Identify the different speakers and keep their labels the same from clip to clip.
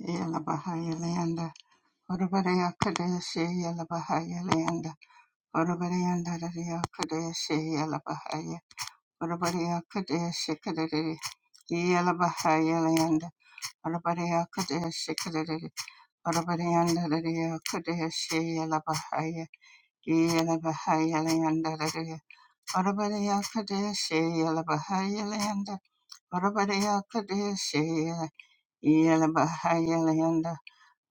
Speaker 1: Yala bahaya Yalabahayalayanda, Urubarea Kadeshi, Yalabahayalayanda, Urubareanda Raria Kadeshi, Yalabahaya, Urubarea Kadeshi Kadari, Yalabahayalayanda, Urubarea Kadeshi Kadari, Urubareanda Raria Kadeshi, Yalabahaya, Yalabahayalayanda Raria, Urubarea Kadeshi, Yalabahayalayanda, Urubarea Kadeshi, Yalabahayalayanda,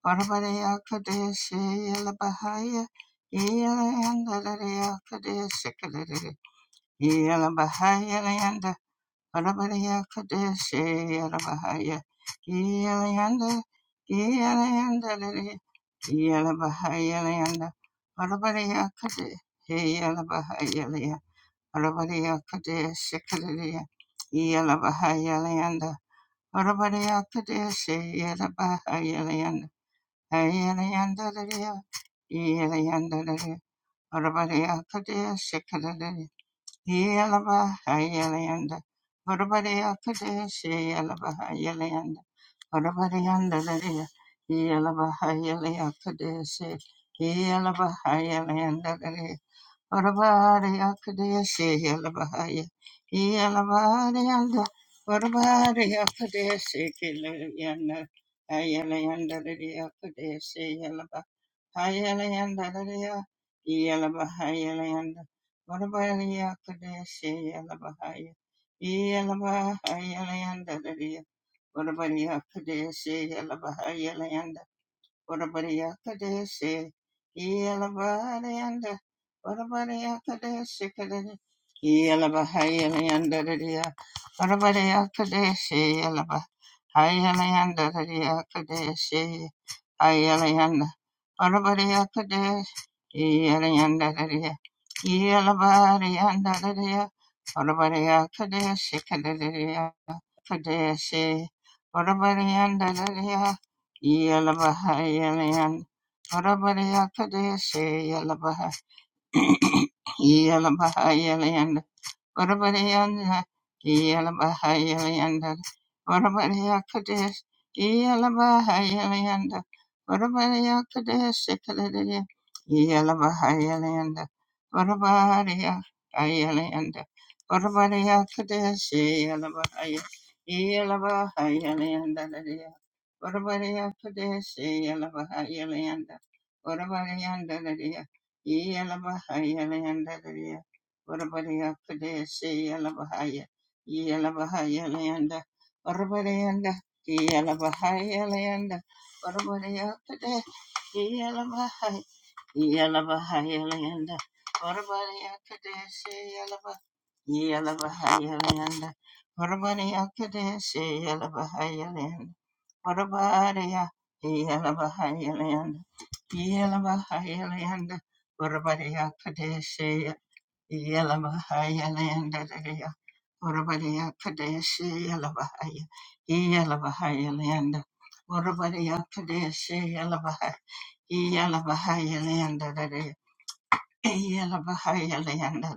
Speaker 1: Orvadea Kadesh Yelabahaya Yelayanda Ladea Kadesh Kadere Yelabahaya Layanda Orvadea Kadesh Yelabahaya Yelayanda Yelayanda Ladea Yelabahaya Layanda Orvadea Kadesh Yelabahaya Laya Orvadea Kadesh Kadere Yelabahaya Layanda Orvadea Kadesh Yelabahaya Layanda Yalabah, Ayala yanda lady akadesi yala Hayalayandalaya, Yalabahayalayanda, Varabalaya Kadeshi, Yalabahaya, Yalabahayalayandalaya, Varabalaya Kadeshi, Yalabahayalayanda, Varabalaya Kadeshi, Yalabahayalayanda, Varabalaya Kadeshi, Kadeshi, Yalabahayalayandalaya, Varabalaya Kadeshi, Yalabahayalayandalaya, Kadeshi, Ayalayan, Parabariakade, Yalayandadaria, Yalabariandadaria, Parabariakade, Sikadaria, Kadesi, Parabariandadaria, Yalabahayalayan, Parabariakade, Yalabaha, Yalabaha, Yalayan, Orabariyanda, Yalabahayalayanda, Orabariyakadesh, Yalabahayalayanda, Orabariyakadesh, Shikadadadi, Yalabahayalayanda, Orabariyahayalayanda, Orabariyakadesh, Yalabahaya, Yalabahayalayanda, Dadaya, Orabariyakadesh, Yalabahayalayanda, Orabariyanda, Dadaya, Yalabahayalayanda, Orabariya Padesi Yalabahaya Yalabahaya Leanda Orabarianda Yalabahaya Leanda Orabariya Padesi Yalabahaya Yalabahaya Leanda Orabariya Padesi Yalabahaya Yalabahaya Leanda Orabariya Padesi Yalabahaya Leanda Orabariya Yalabahaya Leanda Yalabahaya Leanda Orabariya Yelabahaya Landaria, Urabadia Kadeshi Yelabahaya, Yelabahaya Landa, Urabadia Kadeshi Yelabahaya, Yelabahaya Landaria, Yelabahaya Landa,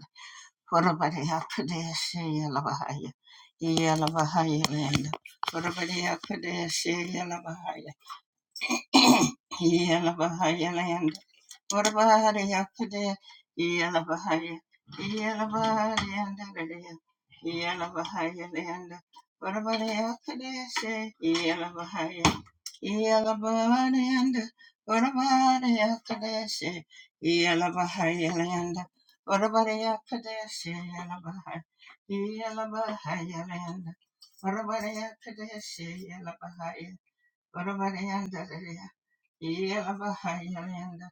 Speaker 1: Urabadia Kadeshi Yelabahaya, Yelabahaya Landa, Urabadia Kadeshi Yala Yala Bahaya Land. What about it yesterday? Yala Bahaya. Yala Bahaya Land. Yala Bahaya Land. What about it yesterday? Say Yala Bahaya. Yala Bahaya Land. What about it yesterday? Say Yala Bahaya Land. What about it yesterday? Say Yala Bahaya. Yala Bahaya Land. What about it yesterday? Say Yala Bahaya. What about it yesterday? Yelabahayalanda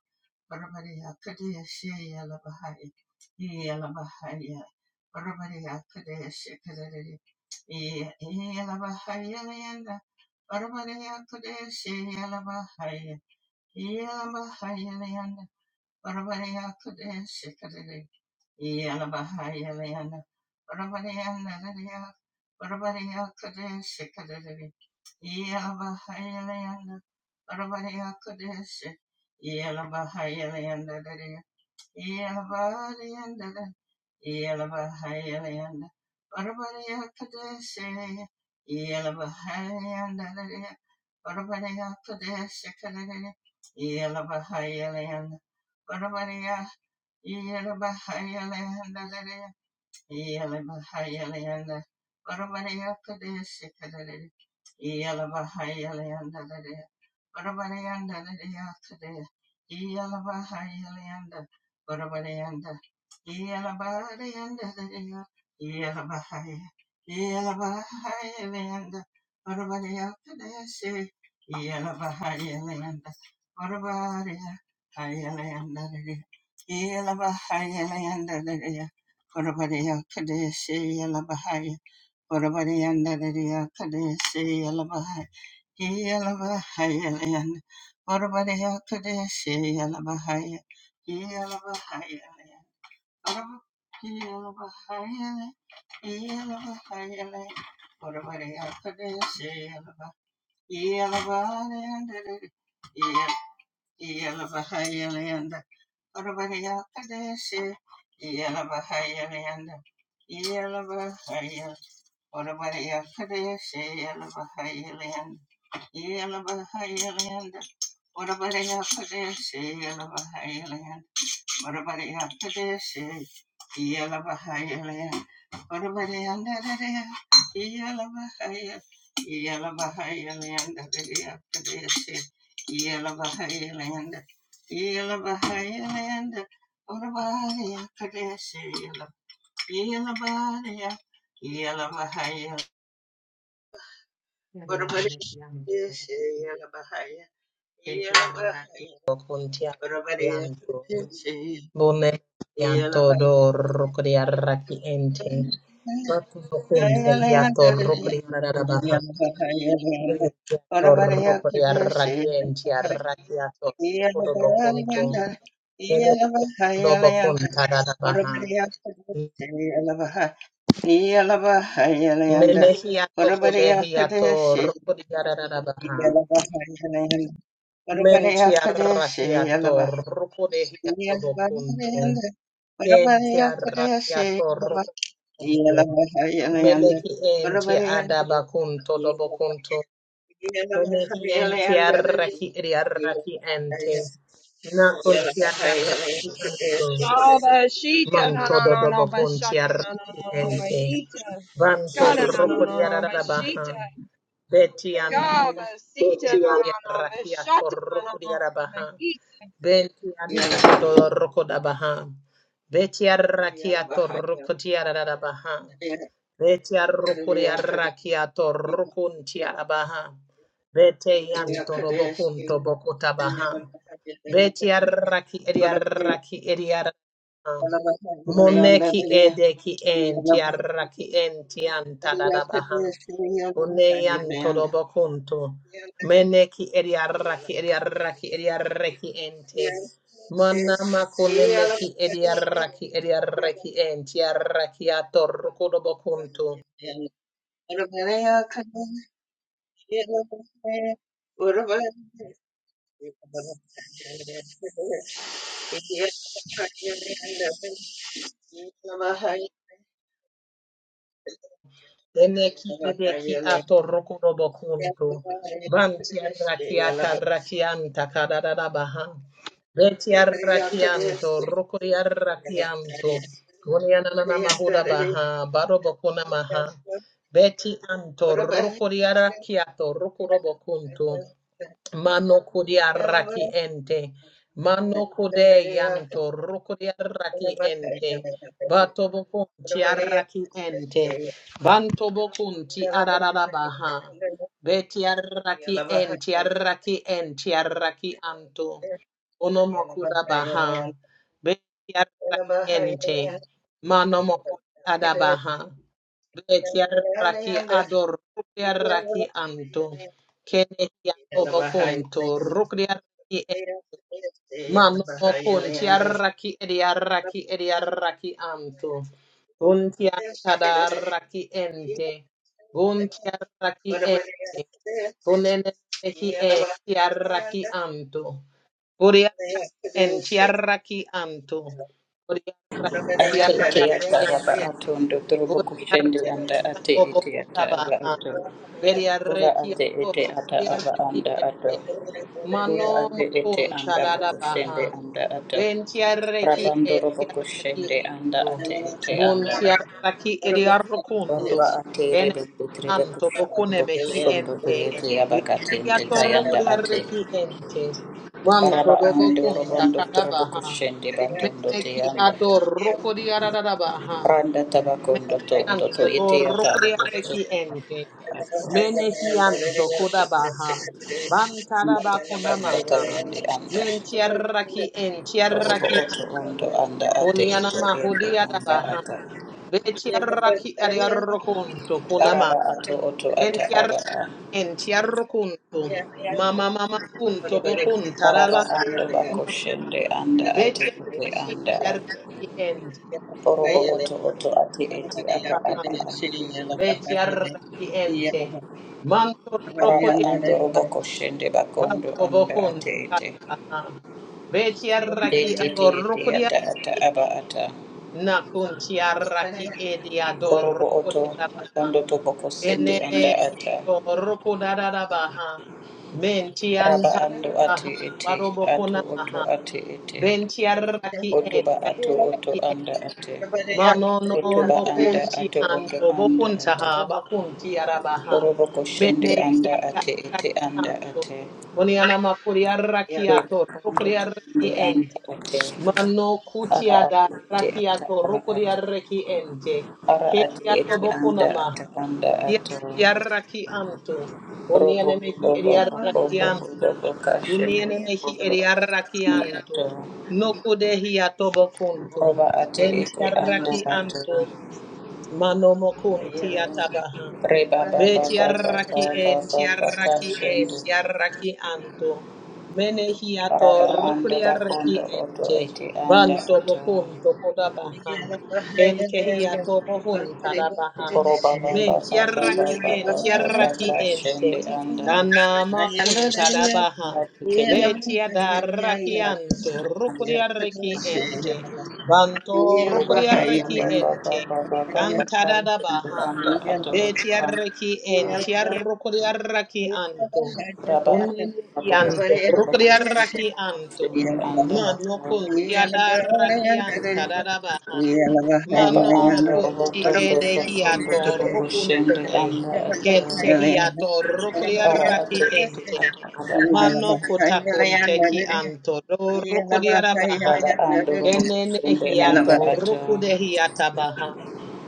Speaker 1: Barbaria Kadeshi Yelabahai Yelabahaya Barbaria Kadeshi Kadari Yelabahayalanda Barbaria Kadeshi Yelabahaya Yelabahayalanda Barbaria Kadeshi Kadari Yelabahayalanda Barbaria Nadaria Barbaria Kadeshi Yelabahayalanda, Arabaya Kodesh, Yelabahayalanda, Yelabahayalanda, Yelabahayalanda, Arabaya Kodesh, Yelabahayalanda, Arabaya Kodesh, Yelabahayalanda, Arabaya Yelabahayalanda, Yalabahayalanda, Varavareyakadeshikadare, Yalabahayalanda, Varavareyanda, Yakade, Yalabahayalanda, Varavareyanda, Yalabareyanda, Yalabahaya, Yalabahayalanda, Varavareyakadeshe, Yalabahayalanda, Varavareyakadeshe, Yalabahayalanda, Orabariya Kadeshi Yalabahaya Orabariya Nadariya Kadeshi Yalabahaya Yalabahaya Land Orabariya Kadeshi Yalabahaya Yalabahaya Land Yalabahaya Yalabahaya Land Orabariya Kadeshi Yalabahaya Yalabahaya Land, Yelavahayalayanda Oravaryakadesi Yelavahayalayanda Yelavahaya Oravaryakadesi Yelavahayalayanda Yelavahayalayanda Oravaryakadesi Yelavahayalayanda Orabariyantadeshe, Iyalabahayalaya, Orabariyandadadaya, Iyalabahaya, Iyalabahayalayandadariyantadeshe, Iyalabahayalayanda, Iyalabahayalayanda, Orabariyakadeshe, Iyala- Iyalabariya, Iyalabahaya,
Speaker 2: Yari arrepianto por
Speaker 1: Orabariyakadeshe, Iyalabahaya,
Speaker 2: Peti arraki
Speaker 1: Iyalabahaya,
Speaker 2: Contia Lando
Speaker 1: Orabariyakadeshe,
Speaker 2: Boneato do
Speaker 1: Iyalabahaya,
Speaker 2: Rocria Raki ente. Matuto Conte Hiato
Speaker 1: Yalabahayalanda,
Speaker 2: Rocria Rabaha. Hiato Rocria Raki ente Arrakiato Rocodobo Conto.
Speaker 1: Yalabahayalanda,
Speaker 2: menehiato Dobo Conta Rabaha.
Speaker 1: Yalabahayalanda,
Speaker 2: Menehiato Codehiato Rocria Rabaha. Menti arracchiato, rupo de hiato bocunto. Enti arracchiato, rupo bocunto. Meleki enti adabacunto dobocunto. Menehi enti arracchi eri arracchi ente. Na conti arracchi anto.
Speaker 3: Oh, Bashita, no,
Speaker 2: Manto
Speaker 3: no,
Speaker 2: do
Speaker 3: no, no,
Speaker 2: dobocunti
Speaker 3: Bashata, no, no,
Speaker 2: arracchi
Speaker 3: no, no,
Speaker 2: ente.
Speaker 3: Bahita,
Speaker 2: Vanto
Speaker 3: Kata, no, no,
Speaker 2: rupo di
Speaker 3: no, no, Bashita,
Speaker 2: arrabaha. Beti anto.
Speaker 3: Skava, Sita, no,
Speaker 2: Enti
Speaker 3: no, no,
Speaker 2: arracchiato,
Speaker 3: Bashata, no,
Speaker 2: rupo di
Speaker 3: no, no,
Speaker 2: arabaha.
Speaker 3: Bahita,
Speaker 2: Benti anto dodo roko da baha. Beti arrakiato roko tiara da baha. Beti arrokuri arrakiato rokun tiara baha. Bete yanto robokunto bokota baha. Beti arraki eri arraki eri arraki. Moneki edeki enti arraki enti anta da da baha. Uneyan todobokunto. Meneki ediaraki ediaraki
Speaker 1: Yeah.
Speaker 2: ediaraki ente. Manama
Speaker 1: Yeah.
Speaker 2: kunemeki ediaraki ediaraki ente. Yaraki ator kudobokunto. Eneki edeki ato rokudo bokuntu. Vanti arrakiata rakianta kadada baha. Beti arrakianto, rokuri arrakianto. Gunyanana mahuda baha, baro bokuna maha. Beti anto, rokuri arrakiato, rokudo bokuntu. Mano kudia raki ente. Mano kude yanto rukudia raki ente. Bato bokunti arraki ente. Banto bokunti ararabaha. Beti arraki enti arraki enti arraki anto. Onomokuda baha. Beti arraki ente. Mano mokuda adabaha. Beti arraki ador rukudia raki anto. Kenehia tobo kunto rukriaraki e mano kunti arraki ediarraki ediarraki anto. Kunti antadarraki ente. Kunti arraki ente. Kunenehi enti arraki
Speaker 1: Yeah.
Speaker 2: anto. Kuriarraki enti
Speaker 1: Thank
Speaker 2: arraki anto. Kuriarraki
Speaker 4: ate ete
Speaker 2: ediarraki
Speaker 4: ata
Speaker 2: ente.
Speaker 4: araba ato ndo torobo
Speaker 2: Kunti
Speaker 4: kushende
Speaker 2: arraki
Speaker 4: anda ate
Speaker 2: tobo
Speaker 4: ete ata
Speaker 2: kutaba.
Speaker 4: aba ato ora
Speaker 2: Veriarraki
Speaker 4: ate
Speaker 2: anto
Speaker 4: ete ata aba
Speaker 2: rukriaraki
Speaker 4: anda
Speaker 2: ente.
Speaker 4: ato ora
Speaker 2: Mano
Speaker 4: ate ete
Speaker 2: mokum
Speaker 4: anda
Speaker 2: tadada
Speaker 4: bakushende
Speaker 2: baha.
Speaker 4: anda ato
Speaker 2: Den tiarreki e
Speaker 4: rabando robo
Speaker 2: tiarreki
Speaker 4: kushende anda
Speaker 2: anto.
Speaker 4: ate ete
Speaker 2: Mun
Speaker 4: anda ato
Speaker 2: tiarraki edi En
Speaker 4: Oruba ate
Speaker 2: Ene
Speaker 4: rebe kutrebe
Speaker 2: anto
Speaker 4: kushende
Speaker 2: bokune mehi
Speaker 4: bakusondo
Speaker 2: ente.
Speaker 4: kuriete abakate
Speaker 2: Edi
Speaker 4: nde
Speaker 2: atorruk
Speaker 4: tayanda ate
Speaker 2: diarreki ente. Manto
Speaker 4: araba ando
Speaker 2: dobokun
Speaker 4: robondo
Speaker 2: takada
Speaker 4: torobo
Speaker 2: baha.
Speaker 4: kushende batondo
Speaker 2: Meki
Speaker 4: teyanda
Speaker 2: adorruko diarada baha.
Speaker 4: Randa tabako
Speaker 2: Meki
Speaker 4: ndoto
Speaker 2: anto
Speaker 4: ndoto ite ya
Speaker 2: dorruko
Speaker 4: tabako
Speaker 2: diarreki
Speaker 4: soki
Speaker 2: ente.
Speaker 4: anda
Speaker 2: Menehianto kodabaha.
Speaker 4: anda
Speaker 2: Bantarabakunamaha.
Speaker 4: tayundi anda
Speaker 1: you.
Speaker 2: Mentiarraki
Speaker 4: orobo
Speaker 2: entiarraki
Speaker 4: oto ondo
Speaker 2: anto.
Speaker 4: anda ate ite
Speaker 2: Ponianama
Speaker 4: ende anda
Speaker 2: hudiadabaha.
Speaker 4: ata
Speaker 2: Betiarraki ariarrokunto
Speaker 4: araba
Speaker 2: kunamaha.
Speaker 4: ato oto ata
Speaker 2: Entiar
Speaker 4: aba a
Speaker 2: entiarrokunto. Mama mama kunto bokun
Speaker 4: araba
Speaker 2: bokuntarabaha
Speaker 4: ando bako
Speaker 2: kunamaha.
Speaker 4: shende anda ate ite
Speaker 2: Betiarraki
Speaker 4: anda ata
Speaker 2: entiarraki ente.
Speaker 4: orobo oto
Speaker 2: Ponianamaha.
Speaker 4: oto ate ite ata aba a
Speaker 2: Betiarraki ente. Manto
Speaker 4: araba ando
Speaker 2: rokodiadabaha.
Speaker 4: robo koshende bakondo anda
Speaker 2: Bakobokun
Speaker 4: ate ite
Speaker 2: takata.
Speaker 4: de
Speaker 2: Betiaraki
Speaker 4: ite ite ata ata
Speaker 2: adorukuriaki
Speaker 4: aba ata
Speaker 2: nakun tiaraki
Speaker 4: Korobo oto
Speaker 2: ediadorukuriaba.
Speaker 4: ando toboko sende
Speaker 2: Enene
Speaker 4: anda ata.
Speaker 2: dorukudadabaha.
Speaker 4: Raba ando ate
Speaker 2: Mentiantaha.
Speaker 4: ete. Ato
Speaker 2: Barobokuna.
Speaker 4: oto ate ete.
Speaker 2: Bentiaraki
Speaker 4: Otoba ato oto
Speaker 2: entiaraki
Speaker 4: anda ate.
Speaker 2: Mano no
Speaker 4: Otoba
Speaker 2: no
Speaker 4: anda
Speaker 2: kunti
Speaker 4: ato oto
Speaker 2: anto
Speaker 4: anda
Speaker 2: bokunta
Speaker 4: ate.
Speaker 2: ha bakunti arabaha.
Speaker 4: Korobo koshende
Speaker 2: Mene
Speaker 4: anda
Speaker 2: kia
Speaker 4: ate ete
Speaker 2: taraki
Speaker 4: anda
Speaker 2: anto.
Speaker 4: ate.
Speaker 2: Oni anama kuri
Speaker 1: Yeah.
Speaker 2: araki ato
Speaker 4: Ondo
Speaker 2: rukuri araki
Speaker 4: tende anda
Speaker 2: ente.
Speaker 4: ate.
Speaker 2: Mano kuti
Speaker 4: Ara ate
Speaker 2: adaraki
Speaker 4: ete ata
Speaker 2: ato
Speaker 4: ara
Speaker 2: rukuri
Speaker 4: ato.
Speaker 2: araki ente.
Speaker 4: Ara ate
Speaker 2: Kia
Speaker 4: ete anda
Speaker 2: to
Speaker 4: ata anda
Speaker 2: Kia
Speaker 4: ato.
Speaker 2: yarraki anto.
Speaker 4: Robo
Speaker 2: Koniene mehi
Speaker 4: bobo bobo
Speaker 2: eriarraki anto.
Speaker 4: bobo kashende
Speaker 2: Kuniene mehi
Speaker 4: bobo
Speaker 2: eriarraki anto.
Speaker 4: ato
Speaker 2: Noko dehi atobo kunto.
Speaker 4: Roba ate
Speaker 2: Enti
Speaker 4: ete anda
Speaker 2: arraki
Speaker 4: ato.
Speaker 2: anto. Manomokun tiatabaha.
Speaker 4: Reba ba
Speaker 2: Be
Speaker 4: ba ba baba ba
Speaker 2: tiarraki
Speaker 4: ba
Speaker 2: en,
Speaker 4: ba ba ka
Speaker 2: tiarraki en,
Speaker 4: shende.
Speaker 2: tiarraki anto. Menehiato
Speaker 4: Raba ando
Speaker 2: rukriarraki
Speaker 4: bakondo oto
Speaker 2: ente.
Speaker 4: ete anda
Speaker 2: Banto
Speaker 4: ato.
Speaker 2: bokunto kodabaha. Kente hiato bohun tadabaha.
Speaker 4: Roba baba
Speaker 2: Men
Speaker 4: baba baba
Speaker 2: tiarraki
Speaker 4: baba
Speaker 2: en,
Speaker 4: ba
Speaker 2: tiarraki ente.
Speaker 4: anda ato.
Speaker 2: Kana makun tadabaha.
Speaker 4: Nyati kenye
Speaker 2: Be tiadarraki
Speaker 4: ate
Speaker 2: anto,
Speaker 4: anda
Speaker 2: rukriarraki ente.
Speaker 1: Yeah.
Speaker 2: Banto
Speaker 4: Roba
Speaker 1: Yeah.
Speaker 4: ba ba
Speaker 2: rukriarraki
Speaker 4: ba ba ba
Speaker 2: ente.
Speaker 4: ba ba ba ba ba kumbe
Speaker 2: Antadadabaha.
Speaker 4: anda ato oto anda
Speaker 2: Betiarreki
Speaker 4: ah,
Speaker 2: en tiarrokodiarraki anto.
Speaker 4: raba anda boko
Speaker 2: Kunenianto.
Speaker 4: soto boko soto
Speaker 2: Rokodiarraki
Speaker 4: boko
Speaker 2: anto.
Speaker 4: shende anda ato
Speaker 2: Mano kun tiadarraki antadadabaha.
Speaker 4: raba
Speaker 2: Mano
Speaker 4: anda
Speaker 2: mokun
Speaker 4: robo
Speaker 2: ti
Speaker 4: tombo ko tombo to
Speaker 2: edehiato
Speaker 4: boko
Speaker 2: rokun
Speaker 4: shende
Speaker 2: tehe.
Speaker 4: anda ato
Speaker 2: Kentehiato
Speaker 4: ara
Speaker 2: rokodiarraki
Speaker 4: ato oto
Speaker 2: ente.
Speaker 4: ata aba anda
Speaker 2: Mano
Speaker 4: ato
Speaker 2: kotakun teki anto. Rokodiarabaha.
Speaker 4: raba anda robo ko
Speaker 2: Kenene
Speaker 4: shende anda
Speaker 2: hiato
Speaker 4: ato
Speaker 2: roku de hiata baha.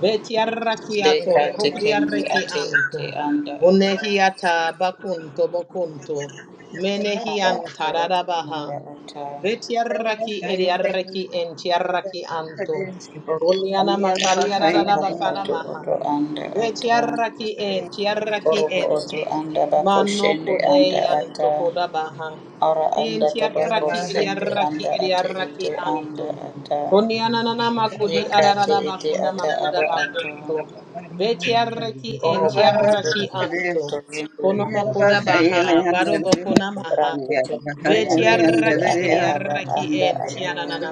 Speaker 2: Beti arraki ato
Speaker 4: deka
Speaker 2: roku de
Speaker 4: tekende
Speaker 2: arraki
Speaker 4: ate
Speaker 2: anto.
Speaker 4: ote anda
Speaker 2: Une
Speaker 4: ato
Speaker 2: hiata bakunto bakunto. Mene
Speaker 4: raba
Speaker 2: hianta
Speaker 4: ato oto
Speaker 2: rarabaha.
Speaker 4: anda ato
Speaker 2: Beti arraki eri arraki enti
Speaker 1: Yeah.
Speaker 2: arraki anto.
Speaker 4: Orobo
Speaker 2: Uniana
Speaker 4: ate ete
Speaker 2: makari
Speaker 4: aka aba
Speaker 2: ararabakana
Speaker 4: ato
Speaker 2: maha.
Speaker 4: oto anda ata.
Speaker 2: Vetiaraki enti, yarraki
Speaker 4: Orobo oto
Speaker 2: enti.
Speaker 4: anda bako
Speaker 2: Mano
Speaker 4: shende anda
Speaker 2: kodei anto
Speaker 4: ata.
Speaker 2: kodabaha.
Speaker 4: Ara anda
Speaker 2: Kienti
Speaker 4: tabako
Speaker 2: arraki
Speaker 4: sende
Speaker 2: iriarraki
Speaker 4: anda ate
Speaker 2: iriarraki
Speaker 4: ete anda
Speaker 2: anto.
Speaker 4: ata.
Speaker 2: Koni ananana makudi
Speaker 4: Yeka te
Speaker 2: arararaba
Speaker 4: ete
Speaker 2: kuna
Speaker 4: ata
Speaker 2: makuda
Speaker 4: aba ato.
Speaker 2: bakunto. Vetiaraki enti
Speaker 4: Oroba anda
Speaker 2: arraki anto.
Speaker 4: to yende
Speaker 2: Kono
Speaker 4: anda
Speaker 2: makuda baha,
Speaker 4: ato.
Speaker 2: baro bakuna maha.
Speaker 4: Ratu te ete
Speaker 5: Zogo
Speaker 4: ate ete
Speaker 2: Vetiaraki
Speaker 4: ata aba
Speaker 2: iriarraki
Speaker 4: anda
Speaker 2: enti
Speaker 4: ato.
Speaker 2: ananana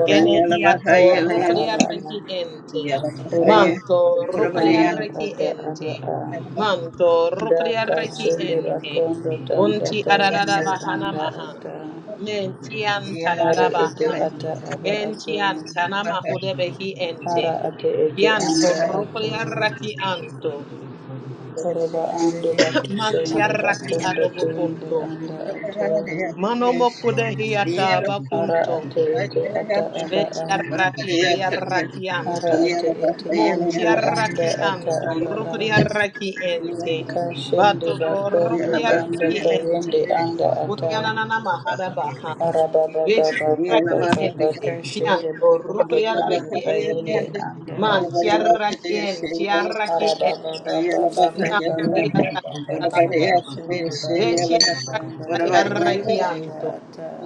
Speaker 4: Ora
Speaker 2: Kene
Speaker 4: ate
Speaker 2: hiato
Speaker 4: ete ata aba
Speaker 2: ente.
Speaker 4: ora
Speaker 2: Manto
Speaker 4: akiti anda
Speaker 2: rokodiareki
Speaker 4: ada ara
Speaker 2: ente.
Speaker 4: a
Speaker 2: Manto
Speaker 4: daka
Speaker 2: rokodiareki
Speaker 6: Thank
Speaker 4: sende
Speaker 2: ente.
Speaker 4: bakondo tanda
Speaker 2: Unti
Speaker 4: tayende
Speaker 2: adadadabaha
Speaker 4: anda
Speaker 2: maha.
Speaker 4: ada.
Speaker 2: Mentian
Speaker 4: Hari itu
Speaker 2: tadadabaha.
Speaker 4: ada aba ato
Speaker 2: Entian tanamahudebehi ente.
Speaker 4: ara ate ete
Speaker 2: Kianto
Speaker 4: anda ato
Speaker 2: rokodiareki anto.
Speaker 1: Yeah.
Speaker 4: oroba ando bakusende
Speaker 2: Mantiaraki
Speaker 4: bakondo tuyende
Speaker 2: adobokunto.
Speaker 4: anda ato
Speaker 2: Manomokude hiata
Speaker 4: ara
Speaker 2: bakunto.
Speaker 4: ate ete ata aba
Speaker 2: Beti
Speaker 4: a
Speaker 2: arraki eri arraki
Speaker 4: ara
Speaker 2: anto.
Speaker 4: ate ete
Speaker 2: Monti
Speaker 4: anda anda
Speaker 2: arraki
Speaker 4: ada
Speaker 2: anto.
Speaker 4: aba a
Speaker 2: Rukri arraki ente.
Speaker 5: Ziggy
Speaker 4: kashende
Speaker 2: Bato do
Speaker 4: bakondo
Speaker 2: rukri
Speaker 4: tanda
Speaker 2: arraki ente.
Speaker 4: tayende anda ata
Speaker 2: Udianana mahada baha.
Speaker 4: Nyarabandoro
Speaker 2: Beti arraki ente.
Speaker 4: bakoshende
Speaker 2: Kianto rukri arraki ente. Manti arraki ente. Arraki ente. Nakudi Reti arraki anto.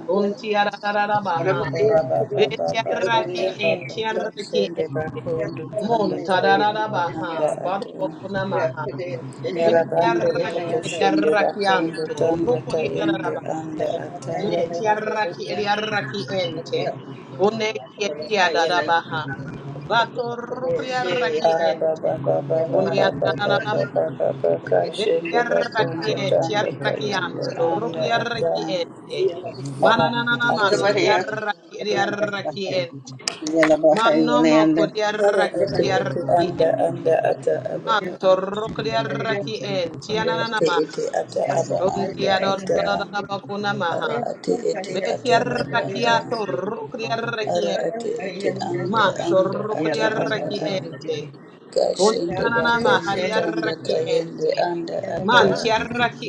Speaker 2: Unti arararabaha.
Speaker 1: Orabadiya kudiya
Speaker 2: Reti arraki
Speaker 1: kudiya
Speaker 2: enti arraki enti.
Speaker 1: kudiya
Speaker 2: Monta
Speaker 1: ayana orabadiya
Speaker 2: dararabaha. Barokona maha.
Speaker 1: kudiya kudiya kudiya
Speaker 2: Reti
Speaker 1: ayana
Speaker 2: arraki edi
Speaker 1: yanda
Speaker 2: arraki
Speaker 4: bakondo
Speaker 2: anto.
Speaker 4: tanda
Speaker 2: Roko di
Speaker 4: tayende
Speaker 2: araraba.
Speaker 4: anda ata.
Speaker 1: orabadiya
Speaker 2: Menti
Speaker 1: kudiya
Speaker 2: arraki edi arraki ente.
Speaker 1: kudiya kudiya
Speaker 2: Une eti
Speaker 1: ayana kudiya
Speaker 2: adarabaha. Bato
Speaker 5: Zagada
Speaker 1: kudiya Orabadiya kudiya
Speaker 2: roko
Speaker 1: kudiya
Speaker 2: di
Speaker 1: kudiya
Speaker 2: arraki
Speaker 4: Ara
Speaker 2: ente.
Speaker 1: ayana
Speaker 2: Une ananama.
Speaker 4: bababababababababababababakashin debakom
Speaker 2: Betiarrakie,
Speaker 4: dutanda
Speaker 2: tiarrakian,
Speaker 4: tayende anda ata
Speaker 2: torrukriarrakiente.
Speaker 4: ara
Speaker 2: Manananama,
Speaker 4: atu
Speaker 1: orabadiya kudiya
Speaker 4: abab
Speaker 2: kuriarrakiente. Manomo,
Speaker 4: ara atu
Speaker 2: kuriarrakiente.
Speaker 4: anda anda ata
Speaker 2: Man,
Speaker 4: abab
Speaker 1: kudiya
Speaker 2: torrukriarrakien,
Speaker 4: ara
Speaker 2: tiananama. Kuntiadododododabakuna maha. Betiarrakia,
Speaker 4: atu
Speaker 2: torrukriarrakiente.
Speaker 4: anda
Speaker 2: Manto
Speaker 4: anda ata
Speaker 2: rocodiarraki
Speaker 4: abab
Speaker 2: ente.
Speaker 4: kashin
Speaker 2: Kunanama
Speaker 4: debakom dutanda
Speaker 2: hariarraki
Speaker 4: tayende
Speaker 2: ente.
Speaker 4: anda ata
Speaker 2: Mantiarraki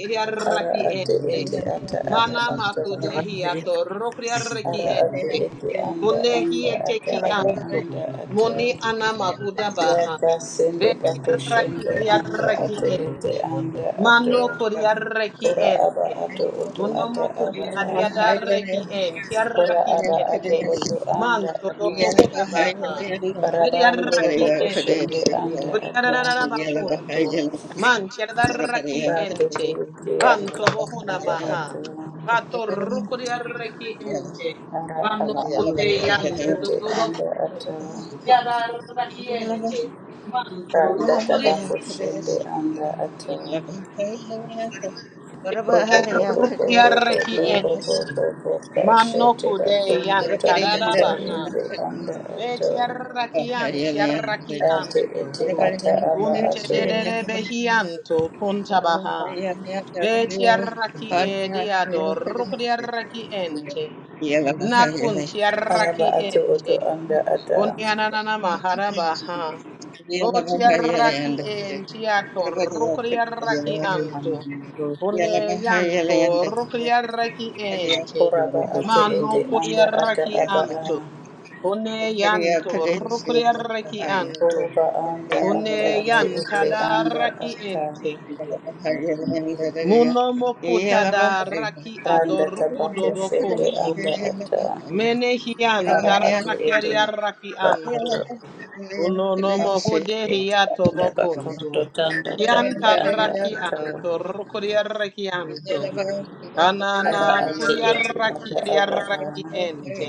Speaker 4: Ara
Speaker 2: diarraki
Speaker 5: Thank
Speaker 4: ate
Speaker 2: ente.
Speaker 4: ete ata aba
Speaker 2: Mana
Speaker 4: ato.
Speaker 2: makudehiato rocodiarraki
Speaker 4: Ara ate
Speaker 2: ente.
Speaker 4: ete anda anda ata
Speaker 2: Kunehieteki
Speaker 4: aba
Speaker 2: anto.
Speaker 4: anda
Speaker 2: Muni
Speaker 4: ato.
Speaker 2: anama
Speaker 1: Yeah.
Speaker 4: Ya
Speaker 2: hudabaha.
Speaker 4: kasende
Speaker 2: Bekiarraki
Speaker 4: bakoshende anda
Speaker 2: diarraki
Speaker 4: ate ete
Speaker 2: ente.
Speaker 4: anda ato.
Speaker 2: Mano kodiarraki
Speaker 4: Ora aba
Speaker 2: ente.
Speaker 4: ato oto ata
Speaker 2: Monomoko
Speaker 4: aba a.
Speaker 2: adiadareki en,
Speaker 4: Ora
Speaker 2: tiaraki
Speaker 4: aba ato
Speaker 2: ente,
Speaker 4: oto anda
Speaker 2: manto
Speaker 4: ato.
Speaker 2: dobo hodabaha,
Speaker 4: Barabando
Speaker 2: vediaraki ente,
Speaker 4: bakoshende anda ata.
Speaker 2: vediarararabakunto, man tiaraki
Speaker 4: Rato
Speaker 2: ente,
Speaker 4: tuwete ate
Speaker 2: vanto
Speaker 4: aba
Speaker 2: bohunamaha,
Speaker 4: ato.
Speaker 2: vato rukuriaraki
Speaker 1: Yeah,
Speaker 2: ente,
Speaker 4: Ara
Speaker 2: vanno
Speaker 4: aba
Speaker 2: kute
Speaker 4: ando ate
Speaker 2: yanto
Speaker 4: ete
Speaker 2: dobo
Speaker 4: anda
Speaker 2: kunto,
Speaker 4: ato.
Speaker 2: tiadaraki ente,
Speaker 4: Randa
Speaker 2: manto
Speaker 4: tabako shende anda ata. Robo bo bo bo bo bo
Speaker 2: Yarrukuriarreki
Speaker 4: bo bo bo
Speaker 2: enti.
Speaker 4: bo bo kashete
Speaker 2: Manoku de
Speaker 4: bakondo tanda
Speaker 2: yantarabaha.
Speaker 4: tayende anda ato.
Speaker 2: Betiarrakian tiarraki
Speaker 4: Ate
Speaker 2: anto.
Speaker 4: ete ata aba
Speaker 2: Kunte de de
Speaker 4: ato.
Speaker 2: de behianto kuntabaha. Betiarraki e diado rukuriarreki enti. Nakun
Speaker 4: Araba
Speaker 2: tiarraki
Speaker 4: ato oto
Speaker 2: ente.
Speaker 4: anda ata.
Speaker 2: Bunyanana maharabaha. Votiaraki en tiato rukriaraki anto. Buneyanto rukriaraki
Speaker 1: Hariya
Speaker 2: ente.
Speaker 4: Oraba ato
Speaker 2: Mano
Speaker 1: kadeshiya
Speaker 4: ete
Speaker 6: you.
Speaker 4: anda ata
Speaker 2: kuriaraki
Speaker 4: aba a.
Speaker 2: anto.
Speaker 1: hariya
Speaker 2: Buneyanto
Speaker 1: kadeshiya
Speaker 2: rukriaraki
Speaker 1: hariya hariya
Speaker 2: anto.
Speaker 4: Oroba anda anda
Speaker 1: hariya
Speaker 4: ato
Speaker 2: Buneyanta
Speaker 4: ete
Speaker 1: kadeshiya
Speaker 4: anda
Speaker 2: daraki
Speaker 4: ata.
Speaker 2: ente.
Speaker 6: Thank
Speaker 1: hariya hariya
Speaker 2: Munomokuta
Speaker 1: iyala hariya hariya
Speaker 2: daraki
Speaker 4: Randa
Speaker 2: adoruku
Speaker 4: tabako shende
Speaker 2: dobokunto.
Speaker 4: anda
Speaker 1: kadeshiya hariya
Speaker 4: ata.
Speaker 1: hariya iyala
Speaker 4: Ara
Speaker 2: Menehianta
Speaker 1: hariya
Speaker 4: ato ete
Speaker 1: kadeshiya
Speaker 2: rakariaraki
Speaker 4: aba
Speaker 1: hariya hariya iyala
Speaker 2: anto.
Speaker 1: hariya
Speaker 2: Uno no
Speaker 4: ara
Speaker 2: mo
Speaker 1: kadeshiya iyala
Speaker 2: hude
Speaker 4: ati iti
Speaker 2: hiato
Speaker 4: anda bakondo
Speaker 2: bocunto.
Speaker 4: tanda tanda
Speaker 2: Chianta
Speaker 4: anda
Speaker 2: raki
Speaker 4: atau
Speaker 2: anto, rocuriarraki anto.
Speaker 4: ara
Speaker 2: Anana
Speaker 4: ati iti
Speaker 2: curiarraki
Speaker 4: ata aba
Speaker 2: eriarraki
Speaker 4: ana
Speaker 2: ente.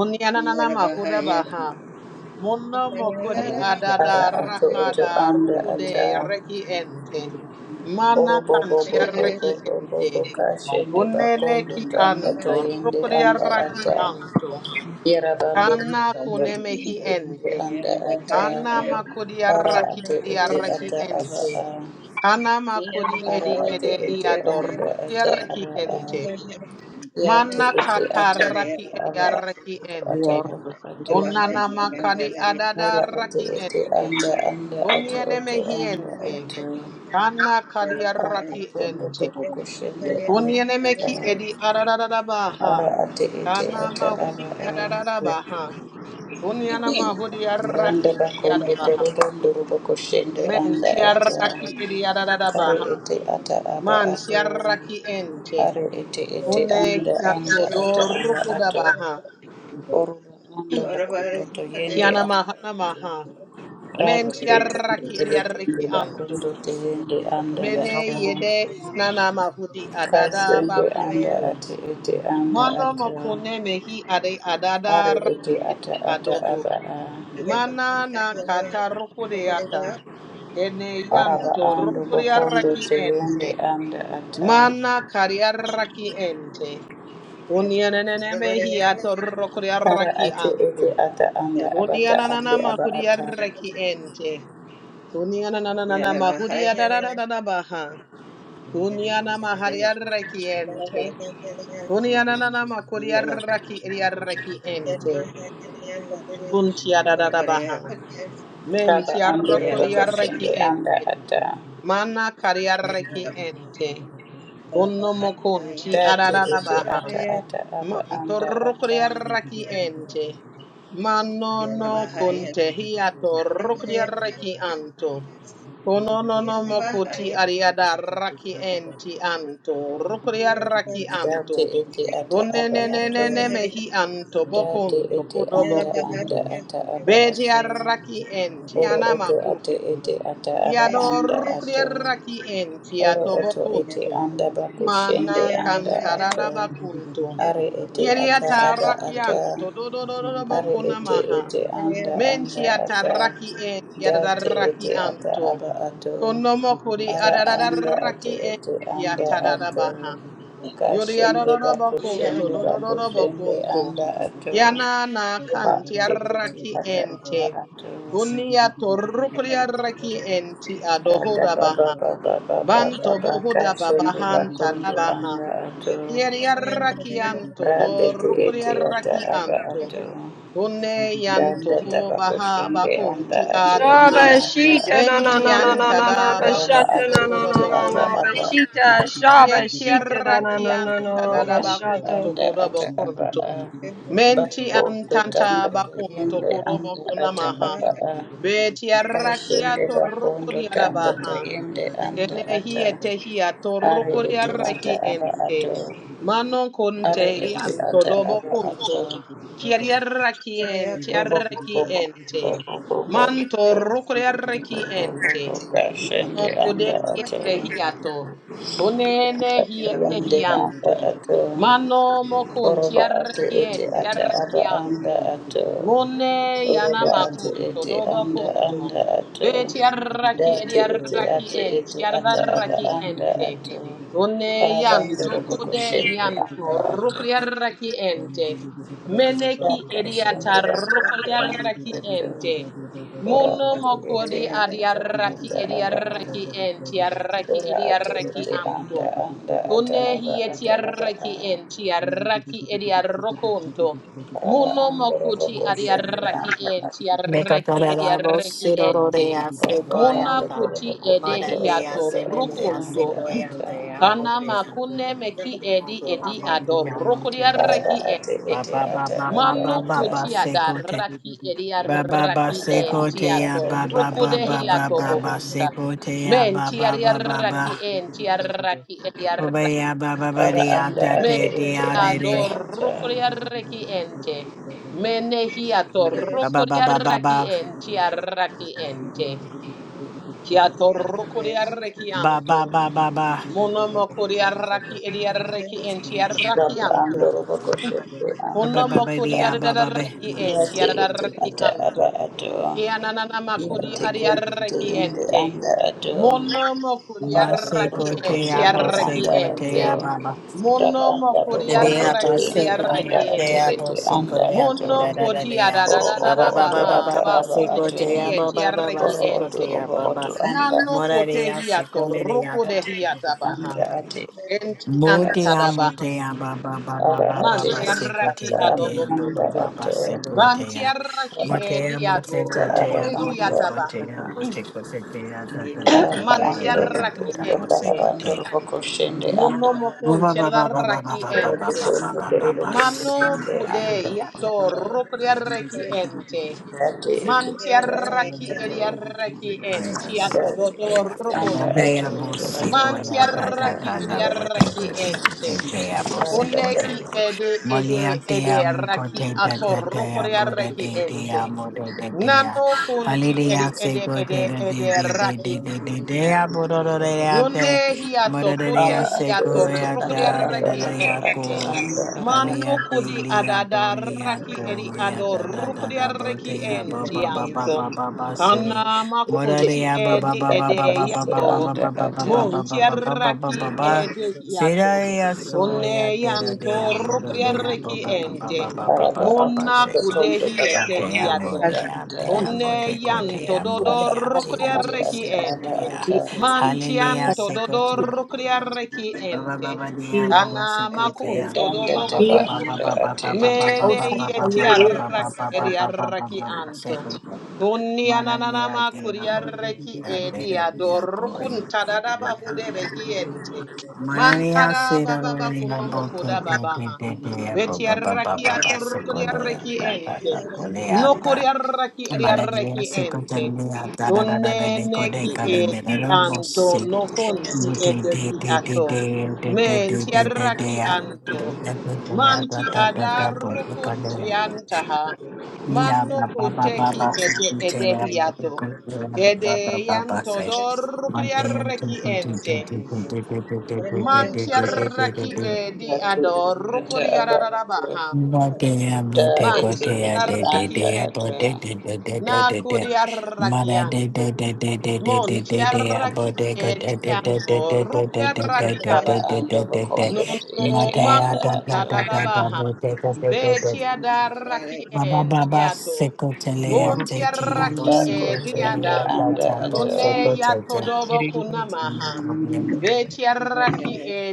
Speaker 2: Unianana mahuda baha. Muno
Speaker 1: hariya iyala
Speaker 2: mokodi
Speaker 4: ara
Speaker 2: adada
Speaker 4: atu
Speaker 1: hariya
Speaker 4: utu
Speaker 2: rakada
Speaker 4: anda
Speaker 2: rukude
Speaker 4: ata
Speaker 2: reki ente. Mana
Speaker 4: urubo bobo
Speaker 1: Thank
Speaker 2: kantiarraki
Speaker 4: bobo bobo
Speaker 2: ente.
Speaker 4: boka shende
Speaker 2: Unene
Speaker 4: bakondo
Speaker 2: ki
Speaker 4: tanda
Speaker 2: anto,
Speaker 4: tayende anda
Speaker 2: rocuriarraki
Speaker 4: ata
Speaker 2: anto.
Speaker 4: yara bando
Speaker 2: Kana
Speaker 4: rubo
Speaker 2: kunemehi
Speaker 4: yende
Speaker 2: ente.
Speaker 4: anda ata
Speaker 2: Kana makudi
Speaker 4: ara
Speaker 2: arraki
Speaker 4: ati
Speaker 2: di
Speaker 4: iti
Speaker 2: arraki
Speaker 4: ata aba
Speaker 2: ente.
Speaker 4: ana
Speaker 2: Kana makudi
Speaker 4: ara
Speaker 2: edi
Speaker 4: ati
Speaker 2: ede
Speaker 4: iti
Speaker 2: iador
Speaker 4: anda
Speaker 2: di
Speaker 4: ata
Speaker 2: arraki
Speaker 4: aba ana
Speaker 2: ente.
Speaker 4: Ya te
Speaker 2: Mana
Speaker 4: ete
Speaker 2: kata
Speaker 4: ata ata
Speaker 2: arraki edi
Speaker 4: aba
Speaker 2: arraki
Speaker 4: ate ete
Speaker 2: ente.
Speaker 4: ata aba ato.
Speaker 2: Onana makadi adada
Speaker 4: Aba ate
Speaker 2: arraki
Speaker 4: ete
Speaker 2: ente.
Speaker 4: anda anda ato
Speaker 2: Oniene
Speaker 4: oto
Speaker 2: mehi
Speaker 4: anda
Speaker 2: ente.
Speaker 4: ato.
Speaker 2: Kana kadi
Speaker 4: Aba
Speaker 2: arraki
Speaker 4: kondo
Speaker 2: ente.
Speaker 4: tobo koshende anda
Speaker 2: Oniene meki
Speaker 6: you.
Speaker 2: edi
Speaker 4: ata.
Speaker 2: adadada baha.
Speaker 4: Ara ate ete
Speaker 2: Kana
Speaker 4: ata
Speaker 2: mahudi
Speaker 4: aba a.
Speaker 2: adadada
Speaker 6: Thank
Speaker 2: baha. Oniana mahudi
Speaker 4: Randa
Speaker 2: arraki
Speaker 4: bakondo toro dondo robo koshende
Speaker 2: Men
Speaker 4: anda ata.
Speaker 2: tiaraki
Speaker 4: Kare
Speaker 2: ediadadabaha.
Speaker 4: ete ata aba
Speaker 2: Man
Speaker 4: ato.
Speaker 2: tiaraki ente.
Speaker 4: Are ete
Speaker 1: you.
Speaker 4: ete
Speaker 2: One
Speaker 4: anda anda ata
Speaker 2: yatodo
Speaker 4: aba ato.
Speaker 2: rukudabaha.
Speaker 4: Orobo ando bakondo to yende
Speaker 2: Kiana
Speaker 4: anda
Speaker 2: mahana
Speaker 4: ato.
Speaker 2: maha. Men
Speaker 5: you.
Speaker 2: tiaraki ediadariki anto.
Speaker 4: Rakundo teyende anda
Speaker 2: Mene
Speaker 4: ato
Speaker 2: yede yanana mahudi adada
Speaker 4: kasende anda
Speaker 2: bakunto.
Speaker 4: ate ete anda
Speaker 2: Mano
Speaker 4: ato
Speaker 2: mokune mehi ade
Speaker 4: are
Speaker 2: adada
Speaker 4: ete
Speaker 2: edi
Speaker 4: ata ata
Speaker 2: adoho.
Speaker 4: aba a
Speaker 2: Mana na kata rukudeata. Kene
Speaker 4: araba
Speaker 2: yanto
Speaker 4: ando bokondo
Speaker 2: rukudiaraki ente.
Speaker 4: teyende anda ata
Speaker 2: Mana kariaraki ente. Uniananeme hiato
Speaker 4: ara
Speaker 2: rokuriaraki
Speaker 4: ate ete
Speaker 2: anto.
Speaker 4: ata anda abata ando
Speaker 2: Uniananama
Speaker 4: aba ata
Speaker 2: huriaraki ente. Uniananama huriadadadada baha. Unianama hariaraki ente. Uniananama
Speaker 1: Yeah.
Speaker 2: kuriaraki iriaraki
Speaker 1: Yeah.
Speaker 2: ente. Puntiadadada baha.
Speaker 4: raba ando roboko
Speaker 2: Mentiarokuriaraki
Speaker 4: shende
Speaker 2: ente.
Speaker 4: anda ata
Speaker 2: Mana kariaraki ente. Unomokunti
Speaker 4: datu
Speaker 5: Zulu
Speaker 2: adadada
Speaker 4: ete
Speaker 2: baha.
Speaker 4: ata ata aba
Speaker 2: Man
Speaker 4: anda
Speaker 2: torrukria
Speaker 4: ata
Speaker 2: raki ente. manono no kunte hiato rukria raki anto. Kono no no mokuti ariada raki enti anto. Rukria raki anto.
Speaker 4: datu ete ata
Speaker 2: Kone
Speaker 4: aba ato
Speaker 2: mehi anto
Speaker 4: Dade
Speaker 2: bokunto
Speaker 4: ete
Speaker 2: kodo
Speaker 4: anda
Speaker 2: bokunto.
Speaker 4: anda ata aba
Speaker 2: Beti
Speaker 4: ato.
Speaker 2: arraki enti
Speaker 4: Oro
Speaker 2: anama
Speaker 4: oto ate
Speaker 2: kunto.
Speaker 4: ete ata aba
Speaker 2: Kiador
Speaker 4: anda ato.
Speaker 2: krieraki entia
Speaker 4: Oro oto ete
Speaker 2: tobocunto.
Speaker 4: anda
Speaker 2: Mana
Speaker 4: bakushende anda ato.
Speaker 2: cantarabacunto.
Speaker 4: Are ete ata
Speaker 2: Kieriata
Speaker 4: aba ata.
Speaker 2: rakianto
Speaker 4: Ari
Speaker 2: dodododobocuna
Speaker 4: ete
Speaker 2: maha.
Speaker 4: ete anda anda
Speaker 2: Mentiata
Speaker 4: ata
Speaker 2: raki entia
Speaker 5: Zulu
Speaker 4: date
Speaker 2: raki
Speaker 4: ete ata
Speaker 2: anto.
Speaker 4: aba ato
Speaker 2: Konomokuri
Speaker 4: ara anda ate
Speaker 2: adararaki
Speaker 4: ete
Speaker 2: entia
Speaker 4: anda ato
Speaker 2: tadadabaha. Yodi
Speaker 4: kashende
Speaker 2: adororo bakunto
Speaker 4: bakushende
Speaker 2: Yodiadododobokunto,
Speaker 4: bakushende
Speaker 2: bakunto
Speaker 4: anda ato
Speaker 2: Yana na
Speaker 4: uba
Speaker 2: kanti
Speaker 4: ate ete
Speaker 2: arraki
Speaker 4: ata
Speaker 2: ente.
Speaker 4: aba ato
Speaker 2: Kunia torukri arraki enti
Speaker 4: rada
Speaker 2: adohoda
Speaker 4: baba
Speaker 2: baha.
Speaker 4: baba baba
Speaker 2: Banto
Speaker 4: baba
Speaker 2: bohoda
Speaker 4: kashende
Speaker 2: babahan
Speaker 4: bakondo
Speaker 2: tadabaha.
Speaker 4: anda ato
Speaker 2: Kieri arraki anto,
Speaker 4: rada ete
Speaker 2: dorukri
Speaker 4: ete ata
Speaker 2: arraki
Speaker 4: aba
Speaker 2: anto.
Speaker 4: ato
Speaker 2: Kune yanto
Speaker 4: Danda
Speaker 2: ho
Speaker 4: tabako
Speaker 2: baha
Speaker 4: shende anda
Speaker 2: bakunti
Speaker 4: ate ete
Speaker 2: adaha.
Speaker 3: Shaba,
Speaker 4: anda
Speaker 3: Shita, no,
Speaker 4: ate
Speaker 3: no,
Speaker 2: Venti
Speaker 3: no, no, no, no,
Speaker 2: anta
Speaker 3: no,
Speaker 2: da
Speaker 4: oroba
Speaker 3: Bashata,
Speaker 2: bakunto
Speaker 4: ate
Speaker 3: no, no,
Speaker 4: ete
Speaker 3: no, no,
Speaker 4: ata
Speaker 2: korobokona
Speaker 3: no,
Speaker 4: aba
Speaker 5: Zulu
Speaker 3: Bashita, Shaba, Shita,
Speaker 2: Kietiarra
Speaker 3: no, no, no, no,
Speaker 2: kianta
Speaker 4: ate
Speaker 3: no,
Speaker 2: dada
Speaker 4: anda
Speaker 2: bakunto
Speaker 3: Bashata.
Speaker 4: anda
Speaker 2: kodobo
Speaker 4: ata aba
Speaker 2: kunto.
Speaker 4: a
Speaker 2: Menti
Speaker 4: bako to
Speaker 2: antanta
Speaker 4: tanda
Speaker 2: bakunto
Speaker 4: tayende
Speaker 2: kodobo
Speaker 4: anda ata
Speaker 2: kunamaha.
Speaker 4: aba a
Speaker 2: Betiarra
Speaker 4: kashende
Speaker 2: kiato
Speaker 4: bako ndo tanda
Speaker 2: rukudiarabaha.
Speaker 4: tayende anda ata
Speaker 2: Kenehia tehia
Speaker 4: are
Speaker 2: torokori
Speaker 4: ete ata
Speaker 2: arreki
Speaker 4: aba
Speaker 2: ente.
Speaker 4: ato
Speaker 2: Manon conte
Speaker 4: are ete
Speaker 2: yanto
Speaker 4: ata
Speaker 2: dobo
Speaker 4: aba
Speaker 2: conto.
Speaker 4: ato
Speaker 2: Chiari arreki ente
Speaker 4: robo
Speaker 2: arreki
Speaker 4: bobo
Speaker 2: ente.
Speaker 4: bobo bobo
Speaker 2: Manto
Speaker 4: bobo
Speaker 2: rokori arreki ente.
Speaker 4: Kashende
Speaker 2: Manon code
Speaker 4: anda ato.
Speaker 2: tehiato. Conene
Speaker 4: Kayande
Speaker 2: hie
Speaker 4: anda
Speaker 2: anto,
Speaker 4: ato.
Speaker 2: Mano mo conti
Speaker 4: Oroba ate
Speaker 2: arreki
Speaker 5: Zugu
Speaker 4: ete
Speaker 2: ente
Speaker 4: ata
Speaker 2: arreki
Speaker 4: aba anda
Speaker 2: anto.
Speaker 4: ato.
Speaker 2: Mone
Speaker 4: Oroba
Speaker 2: yanama
Speaker 4: ate
Speaker 2: conto
Speaker 4: ete
Speaker 2: dobo
Speaker 4: anda
Speaker 2: kunto.
Speaker 4: anda
Speaker 1: Yeah.
Speaker 4: ato.
Speaker 2: Betiarraki
Speaker 4: Date ete
Speaker 2: ediarraki
Speaker 4: ate
Speaker 2: ent,
Speaker 4: ete ata aba
Speaker 2: yardarraki
Speaker 4: anda
Speaker 2: ente.
Speaker 4: ato.
Speaker 2: Une
Speaker 1: Yes.
Speaker 4: Arabando
Speaker 2: yanto
Speaker 4: robo
Speaker 2: kude
Speaker 4: koshende anda
Speaker 2: yanto,
Speaker 4: ato.
Speaker 2: rukriarraki ente. Meneki
Speaker 4: Dakashende
Speaker 2: ediata
Speaker 4: rato anda
Speaker 2: rukriarraki
Speaker 4: ato.
Speaker 2: ente.
Speaker 4: Ora
Speaker 2: Muno
Speaker 4: ate ete
Speaker 2: mokodi
Speaker 4: ata aba
Speaker 2: adiarraki
Speaker 4: anda ato.
Speaker 2: ediarraki ent, yarraki
Speaker 4: Ora ate
Speaker 2: ediarraki
Speaker 4: ete
Speaker 2: anto.
Speaker 4: anda anda ata
Speaker 2: Kune
Speaker 4: aba ata aba
Speaker 2: hietiarraki
Speaker 4: ara.
Speaker 2: ent, yarraki ediarrokonto.
Speaker 4: Araba
Speaker 2: Muno
Speaker 4: ando robo
Speaker 2: mokuti
Speaker 4: koshe ande
Speaker 2: adiaraki
Speaker 4: anda ata.
Speaker 2: enti araki
Speaker 7: Mekotorabo
Speaker 2: ediaraki
Speaker 5: Zugudu
Speaker 2: ente.
Speaker 7: Sidororea
Speaker 4: Oroba
Speaker 2: Muna
Speaker 4: kando
Speaker 7: Sequoyata,
Speaker 2: kuti
Speaker 4: torobo kondo
Speaker 7: Mona
Speaker 4: torobo
Speaker 7: Dea
Speaker 2: edehiato
Speaker 4: oto ande
Speaker 7: Selelia
Speaker 4: anda
Speaker 2: rukunto.
Speaker 4: ata.
Speaker 7: Sequoyata,
Speaker 2: Kana
Speaker 7: Putea,
Speaker 2: makune meki edi
Speaker 7: Motea,
Speaker 2: edi ado
Speaker 7: Motea,
Speaker 2: rukuri
Speaker 7: Motea,
Speaker 4: Araba
Speaker 2: araki
Speaker 4: ate
Speaker 2: ente.
Speaker 4: ete
Speaker 7: Baba Baba
Speaker 4: ata aba
Speaker 7: Baba
Speaker 2: Mano
Speaker 4: ata.
Speaker 7: Baba
Speaker 2: kuti
Speaker 7: Secote,
Speaker 2: adaraki
Speaker 7: Baba Baba
Speaker 2: ediaraki
Speaker 4: Araba ando
Speaker 2: enti
Speaker 7: Secotea,
Speaker 2: ato
Speaker 4: bakondo
Speaker 7: Baba
Speaker 4: anda
Speaker 7: Baba
Speaker 2: rukodehiato
Speaker 4: ata.
Speaker 7: Baba
Speaker 2: bohunta.
Speaker 7: Secotea,
Speaker 2: Menti
Speaker 7: Baba
Speaker 2: adiaraki
Speaker 7: Baba
Speaker 2: enti araki ediaraki.
Speaker 7: Obaya Baba
Speaker 4: Ara
Speaker 7: Badia
Speaker 4: anda ate
Speaker 7: Tate
Speaker 4: ete
Speaker 7: Dia
Speaker 4: anda ata.
Speaker 2: Adorokoriaraki ente.
Speaker 7: Baba Baba
Speaker 2: Menehiatorokoriaraki
Speaker 7: Baba
Speaker 2: enti araki ente. Kiatorokoriaraki anto.
Speaker 7: Baba Baba Baba
Speaker 2: Monomokoriaraki ediaraki enti
Speaker 5: Zulu
Speaker 2: araki anto.
Speaker 4: Lapando Roboko Shende Anda
Speaker 2: Kono mokodi
Speaker 7: Baba
Speaker 4: Kata
Speaker 7: Baba Baba
Speaker 2: adarareki enti
Speaker 4: Yate Ete
Speaker 2: adarareki
Speaker 4: Ata
Speaker 2: anto.
Speaker 4: Aba Atoa
Speaker 2: Ki ananana
Speaker 1: Yes.
Speaker 2: makodi
Speaker 4: Yate Kondete
Speaker 2: adarareki
Speaker 4: Ende
Speaker 2: ente.
Speaker 4: Anda Atoa
Speaker 2: Mono mokodi
Speaker 4: Rabando
Speaker 2: adarareki
Speaker 7: Maseko
Speaker 4: Roboko
Speaker 7: te
Speaker 2: enti
Speaker 4: Shende
Speaker 7: aba
Speaker 2: adarareki
Speaker 4: Anda
Speaker 7: seko te
Speaker 2: ente.
Speaker 4: Atoa
Speaker 7: ababa.
Speaker 2: Mono
Speaker 4: Rabanda
Speaker 2: mokodi
Speaker 7: Debe
Speaker 4: Bokondo Te
Speaker 7: aba
Speaker 2: adarareki
Speaker 4: Ende
Speaker 7: seko
Speaker 4: Anda
Speaker 2: adarareki
Speaker 7: ya te
Speaker 4: Ate
Speaker 2: ente.
Speaker 7: abo
Speaker 4: Ete Anda
Speaker 7: seko ya te
Speaker 2: Mono
Speaker 4: Atoa
Speaker 7: da da da
Speaker 2: kodi
Speaker 7: da ya.
Speaker 4: Oro
Speaker 7: Ba
Speaker 4: Obo
Speaker 2: adararara
Speaker 7: ba ba
Speaker 4: Oto
Speaker 7: ba ba
Speaker 2: baha
Speaker 7: ba
Speaker 4: Ata
Speaker 7: ba
Speaker 4: Aba
Speaker 2: bakune
Speaker 7: seko te
Speaker 2: mehie
Speaker 7: aba ba ba ba
Speaker 4: Atoa
Speaker 7: ba
Speaker 2: tiareki
Speaker 4: Oro
Speaker 7: seko
Speaker 4: Oto
Speaker 2: ente.
Speaker 7: te
Speaker 4: Obo
Speaker 7: aba ba. ba.
Speaker 4: Oto Anda
Speaker 2: Nano
Speaker 7: Mora de
Speaker 2: kote
Speaker 7: ya seko
Speaker 2: hiato
Speaker 7: le de ya.
Speaker 2: roko de
Speaker 4: Ate
Speaker 2: hiata baha.
Speaker 4: Anda Ate Ete
Speaker 2: Enti
Speaker 7: Mo
Speaker 4: Anda
Speaker 7: te
Speaker 4: Atoa
Speaker 7: amo
Speaker 2: antadabaha.
Speaker 7: te aba ba ba ba
Speaker 4: ara
Speaker 7: ba ba
Speaker 4: ate
Speaker 7: ba seko
Speaker 2: Mantiaraki
Speaker 7: te
Speaker 4: ata
Speaker 7: de
Speaker 4: aba
Speaker 7: de ya
Speaker 2: adobo
Speaker 7: ba
Speaker 4: anda
Speaker 7: ba
Speaker 2: kunto.
Speaker 7: ba ba
Speaker 4: ato
Speaker 7: seko te ya.
Speaker 2: Bantiaraki
Speaker 7: Mo
Speaker 2: e
Speaker 7: te amo
Speaker 2: diado
Speaker 7: te
Speaker 4: ata
Speaker 7: ko te
Speaker 4: aba
Speaker 2: rukure
Speaker 7: abo te
Speaker 4: anda
Speaker 7: ko te abo te ko te te ya da
Speaker 5: Zagada
Speaker 7: da
Speaker 4: na
Speaker 7: da da
Speaker 4: araba
Speaker 7: da da
Speaker 4: ando
Speaker 7: da da da
Speaker 2: Mantiaraki
Speaker 7: da
Speaker 4: bokondo
Speaker 7: ba
Speaker 2: ente.
Speaker 4: karara
Speaker 7: seko
Speaker 4: ando
Speaker 7: te ya.
Speaker 4: boko shende ando
Speaker 2: Monomo
Speaker 7: Ba ba ba ba ba ba ba
Speaker 2: kuntiaraki
Speaker 7: ba
Speaker 4: ero
Speaker 7: ba ba
Speaker 2: ente.
Speaker 7: ba
Speaker 4: bisondo
Speaker 7: ba ba
Speaker 4: terero
Speaker 7: ba.
Speaker 4: kete
Speaker 2: Mano
Speaker 4: ande
Speaker 2: kude
Speaker 4: ando
Speaker 2: yato rukuriareki ente.
Speaker 4: ate ete ata aba
Speaker 2: Mantiaraki
Speaker 4: ato
Speaker 2: ediareki enti
Speaker 7: yes.
Speaker 2: ato
Speaker 4: ate
Speaker 2: dodo
Speaker 4: ete anda
Speaker 2: rukunto.
Speaker 4: ato oto ata aba ata
Speaker 2: Mantiaraki
Speaker 4: anda
Speaker 2: ediareki ente.
Speaker 4: anda
Speaker 2: Uneki
Speaker 4: ato
Speaker 2: ede ede ede raki ato rokorea reki ente. Nano kunti ede ede ede ede raki Yone hiato
Speaker 4: ara
Speaker 2: kote
Speaker 4: ate
Speaker 2: hiato
Speaker 4: ete ata
Speaker 2: rokodia
Speaker 4: aba ata
Speaker 2: raki
Speaker 4: ata
Speaker 2: ente.
Speaker 4: anda ato
Speaker 2: Mano kodi adada raki edi ado rokodia raki
Speaker 5: Zubra
Speaker 2: ente anto.
Speaker 7: Hallelujah.
Speaker 2: Kana
Speaker 4: aba
Speaker 2: makunti edi ede
Speaker 4: ate
Speaker 2: hiato.
Speaker 4: anda ata
Speaker 2: Monti raki edi hiato. Kone yanto rokodia raki ente.
Speaker 4: araba ate
Speaker 2: Mona kude
Speaker 4: kotondo baba
Speaker 2: hiete
Speaker 8: Okay,
Speaker 4: kondo
Speaker 1: Thank
Speaker 2: hiato.
Speaker 4: konda ata
Speaker 2: Kone yanto dodo
Speaker 4: ara ate
Speaker 2: rokodia
Speaker 4: ete
Speaker 2: raki
Speaker 4: ata aba
Speaker 2: ente.
Speaker 4: ata
Speaker 2: Mantianto dodor criarreki ente. anama kunto
Speaker 4: danda
Speaker 2: dobo
Speaker 4: taba
Speaker 2: kunto
Speaker 4: anda ate ete
Speaker 2: Mene hieti arraki edi arraki anto. Unni
Speaker 7: Mararia
Speaker 2: ananama
Speaker 7: Dina
Speaker 2: curiarreki
Speaker 7: Boria
Speaker 2: edi
Speaker 7: Dina
Speaker 2: ador
Speaker 7: Goya
Speaker 2: cuntadada bahudebe hiente.
Speaker 7: Mararia
Speaker 2: Mantada bababa
Speaker 7: Seroria
Speaker 2: kunomo
Speaker 7: Bote
Speaker 2: koda
Speaker 7: de de
Speaker 2: babaha.
Speaker 7: de
Speaker 5: Thank
Speaker 7: de
Speaker 2: Beti
Speaker 7: Baba Baba
Speaker 2: arraki
Speaker 7: Baba
Speaker 2: ator kuriarreki
Speaker 7: Secoleata Tata
Speaker 2: ente. No
Speaker 7: Coleata
Speaker 2: curiarraki edi
Speaker 7: Mararia
Speaker 2: arreki ente.
Speaker 7: Secotelia Dada Dada de
Speaker 2: Tuneneki
Speaker 7: Codeca de
Speaker 2: eti anto
Speaker 7: Robosi
Speaker 2: no konti
Speaker 7: Mute de
Speaker 2: edeki
Speaker 7: de de
Speaker 2: ato.
Speaker 7: de de de de de
Speaker 2: Menti
Speaker 7: de de de de
Speaker 2: adraki
Speaker 7: de de
Speaker 2: anto.
Speaker 7: de
Speaker 2: Manti
Speaker 7: de de de
Speaker 2: adarukunti
Speaker 7: de
Speaker 2: antaha.
Speaker 7: yeah,
Speaker 2: Manno
Speaker 7: ba ba ba ba
Speaker 2: koteki
Speaker 1: you.
Speaker 7: ba.
Speaker 2: ete
Speaker 7: Kunte ya ba
Speaker 2: edehi
Speaker 7: ba
Speaker 2: ato.
Speaker 7: kunte ya ba ba
Speaker 2: Ede
Speaker 7: ba ba ba.
Speaker 2: yanto
Speaker 7: Say,
Speaker 2: dorukri
Speaker 7: kunte ya kunte
Speaker 2: arreki
Speaker 7: kunte
Speaker 2: ente.
Speaker 7: kunte kunte kunte kunte kunte
Speaker 2: Manti
Speaker 7: kunte kunte
Speaker 2: arraki
Speaker 7: kunte.
Speaker 2: edi
Speaker 4: datu ete ata
Speaker 2: adorukri
Speaker 4: aba ate
Speaker 2: ararabaha.
Speaker 7: Kunte ya
Speaker 4: da
Speaker 7: kunte
Speaker 2: Manti
Speaker 4: ete
Speaker 7: kunte ya
Speaker 4: ete
Speaker 7: de de
Speaker 2: arraki
Speaker 7: de
Speaker 4: anda
Speaker 7: ya
Speaker 4: ata
Speaker 2: ente.
Speaker 7: kunte de de de de de de.
Speaker 2: Nacudi
Speaker 7: Mada de de
Speaker 2: arrachianto,
Speaker 7: de de de de de
Speaker 2: monti
Speaker 7: de de ya kunte kunte de de de
Speaker 2: arrachianto,
Speaker 7: de
Speaker 2: rupi
Speaker 7: de de de de de
Speaker 4: aba
Speaker 7: de de
Speaker 2: arrachianto,
Speaker 4: anda
Speaker 7: de de de.
Speaker 4: bakondo te ete
Speaker 2: nonno
Speaker 7: Mada ya
Speaker 4: anda
Speaker 7: da
Speaker 4: ata
Speaker 7: da
Speaker 2: macunta
Speaker 7: da
Speaker 2: da
Speaker 7: da da
Speaker 2: baha,
Speaker 7: kunte kunte kunte
Speaker 2: veti ad
Speaker 7: Baba baba
Speaker 2: arrachiantiato,
Speaker 7: seko telea
Speaker 2: bunti
Speaker 7: te te abo
Speaker 4: bako
Speaker 7: seko
Speaker 4: shende
Speaker 7: telea
Speaker 2: arrachiediada,
Speaker 7: ta
Speaker 4: anda
Speaker 7: ta abo
Speaker 4: ata
Speaker 7: seko te te
Speaker 2: uneiato dobo kunamaha, veti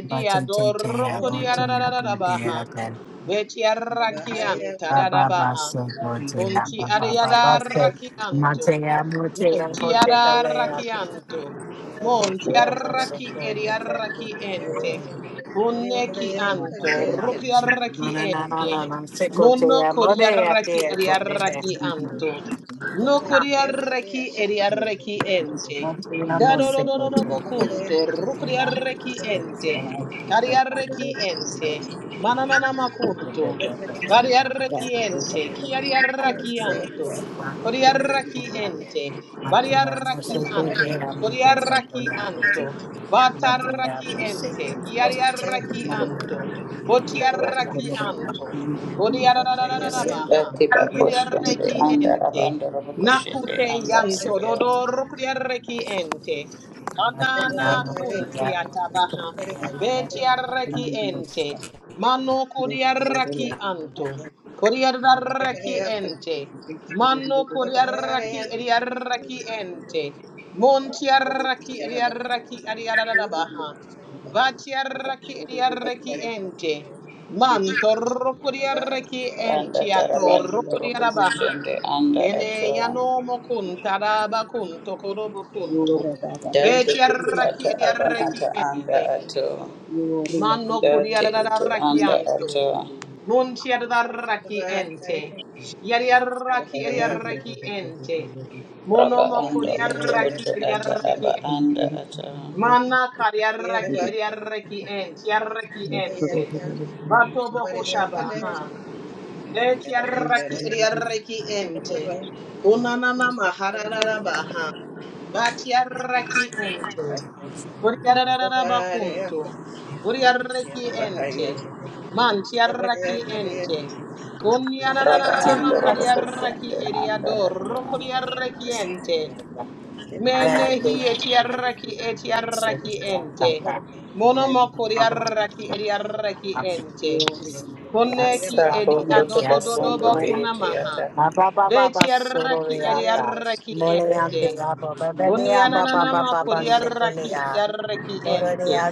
Speaker 7: ba te te te abo
Speaker 2: rucudi
Speaker 7: te abo te
Speaker 2: arrabaha,
Speaker 7: abo
Speaker 2: veti arrachianta da
Speaker 7: baba baba
Speaker 2: baha.
Speaker 7: seko te na
Speaker 2: Unti
Speaker 7: baba
Speaker 2: adiada
Speaker 7: baba se ma te
Speaker 2: rakianto.
Speaker 7: abo te
Speaker 2: Menti
Speaker 7: abo te
Speaker 2: ada
Speaker 7: telea te
Speaker 2: rakianto.
Speaker 7: abo
Speaker 2: Monti
Speaker 7: te abo
Speaker 6: you.
Speaker 2: arraki
Speaker 7: seko
Speaker 2: edi
Speaker 7: ina te te
Speaker 2: arraki
Speaker 7: te te
Speaker 2: ente. Punne ki
Speaker 6: Thank
Speaker 7: abo te
Speaker 2: anto.
Speaker 7: ka
Speaker 2: Rukri
Speaker 7: na
Speaker 2: arraki
Speaker 7: na na na
Speaker 2: ente.
Speaker 7: na na seko te
Speaker 2: Munno
Speaker 7: amo
Speaker 2: kori
Speaker 7: te abo te
Speaker 2: arraki
Speaker 7: te
Speaker 2: edi
Speaker 7: amo
Speaker 2: arraki anto. No kori arraki edi arraki ente.
Speaker 7: te amo seko
Speaker 2: Dadododoro
Speaker 7: te
Speaker 2: bokunto.
Speaker 7: Thank
Speaker 2: Rukri arraki ente. Kari arraki ente. Mananana makunto. Vari arrechiente, chi ari arrachianto, cori arrachiente, vari
Speaker 5: you.
Speaker 2: arrachianto, cori
Speaker 5: Zobra
Speaker 2: arrachianto, vata chi ari arrachianto, voti
Speaker 1: Yeah.
Speaker 2: arrachianto, vodi arrarararabaha,
Speaker 4: dati bako
Speaker 2: ieri
Speaker 4: shende anda
Speaker 2: arrechiente,
Speaker 4: abanda rabako shende
Speaker 2: nacute
Speaker 4: anda
Speaker 2: ianto,
Speaker 4: ata
Speaker 2: dodoro cori arrechiente, canana cunti atabaha, beti arrechiente, Mano kodiaraki anto. Kodiaraki ente. Mano kodiaraki ediaraki ente. Montiaraki ediaraki adiadadabaha. Batiaraki ediaraki ente. Manto rokodiaraki
Speaker 4: Randa
Speaker 2: entiato
Speaker 4: tarabando torobo
Speaker 2: rokodiarabaha.
Speaker 6: you.
Speaker 4: kushende anda
Speaker 2: Kene
Speaker 4: ato.
Speaker 2: yanomo kunta daba kunto korobo kunto.
Speaker 6: Yora da
Speaker 4: Date
Speaker 6: barusha
Speaker 4: utu ata
Speaker 6: didinti
Speaker 2: Betiaraki
Speaker 4: aba
Speaker 6: didinti
Speaker 2: ediaraki
Speaker 4: ata anda
Speaker 2: ente.
Speaker 4: ato.
Speaker 6: yore ya
Speaker 2: Mano
Speaker 6: bere bere
Speaker 4: Date utu
Speaker 2: kodiarararaki
Speaker 4: anda
Speaker 2: anto.
Speaker 4: ato.
Speaker 2: Muntiarararaki ente. Yariaraki
Speaker 6: kare ya
Speaker 2: eriaraki ente.
Speaker 4: Raba
Speaker 2: Monomo
Speaker 1: Yeah.
Speaker 4: anda oto
Speaker 2: kodiararaki
Speaker 4: oto ata
Speaker 2: eriaraki
Speaker 4: aba
Speaker 6: kare
Speaker 4: anda
Speaker 6: kare
Speaker 2: ente.
Speaker 6: kare
Speaker 4: ato.
Speaker 6: yoku
Speaker 2: Mana kariaraki
Speaker 6: bere
Speaker 2: eriaraki ente. Yaraki
Speaker 6: yoku ro ro
Speaker 2: ente.
Speaker 6: ro ro ro
Speaker 2: Bato
Speaker 6: yoku shiki bere
Speaker 2: bohotabaha.
Speaker 6: yoku ro
Speaker 2: Betiaraki
Speaker 6: ro ro
Speaker 2: eriaraki ente.
Speaker 6: ro ro
Speaker 2: Kunanana mahararabaha. Batiarraki ente. Buriararabakuntu. Buriarraki ente. Mantiarraki ente.
Speaker 4: Raba
Speaker 2: Kunyanananana
Speaker 4: anda robo
Speaker 2: makariarraki
Speaker 4: kushende anda
Speaker 2: eriador.
Speaker 4: ato.
Speaker 2: Rokuriarraki ente.
Speaker 7: you. Yes,
Speaker 2: Menehi etiarraki etiarraki ente. Monomokuriarraki eriarraki ente.
Speaker 6: yore ya bere
Speaker 2: Koneki edi
Speaker 7: Baba,
Speaker 4: Kakondo to
Speaker 7: yes,
Speaker 2: adodododobo
Speaker 4: bakondo
Speaker 7: Goya.
Speaker 4: te
Speaker 6: yore
Speaker 4: ete
Speaker 6: kare
Speaker 2: kunamaha.
Speaker 4: ata.
Speaker 6: kare
Speaker 7: Baba,
Speaker 6: kare
Speaker 7: Baba,
Speaker 2: Betiarraki
Speaker 6: kare
Speaker 7: Sororiata.
Speaker 6: yoga
Speaker 2: eriarraki
Speaker 7: Moleante,
Speaker 2: ente.
Speaker 7: Baba,
Speaker 6: ni
Speaker 2: Kuni
Speaker 7: Baba,
Speaker 6: bere
Speaker 2: ananana
Speaker 6: shiki bere yore ya bere bere kare bere bere bere ya
Speaker 7: Baba,
Speaker 2: ma
Speaker 7: Baba,
Speaker 2: kuri arraki
Speaker 7: Secolia.
Speaker 2: yarraki ente.
Speaker 7: Mororia,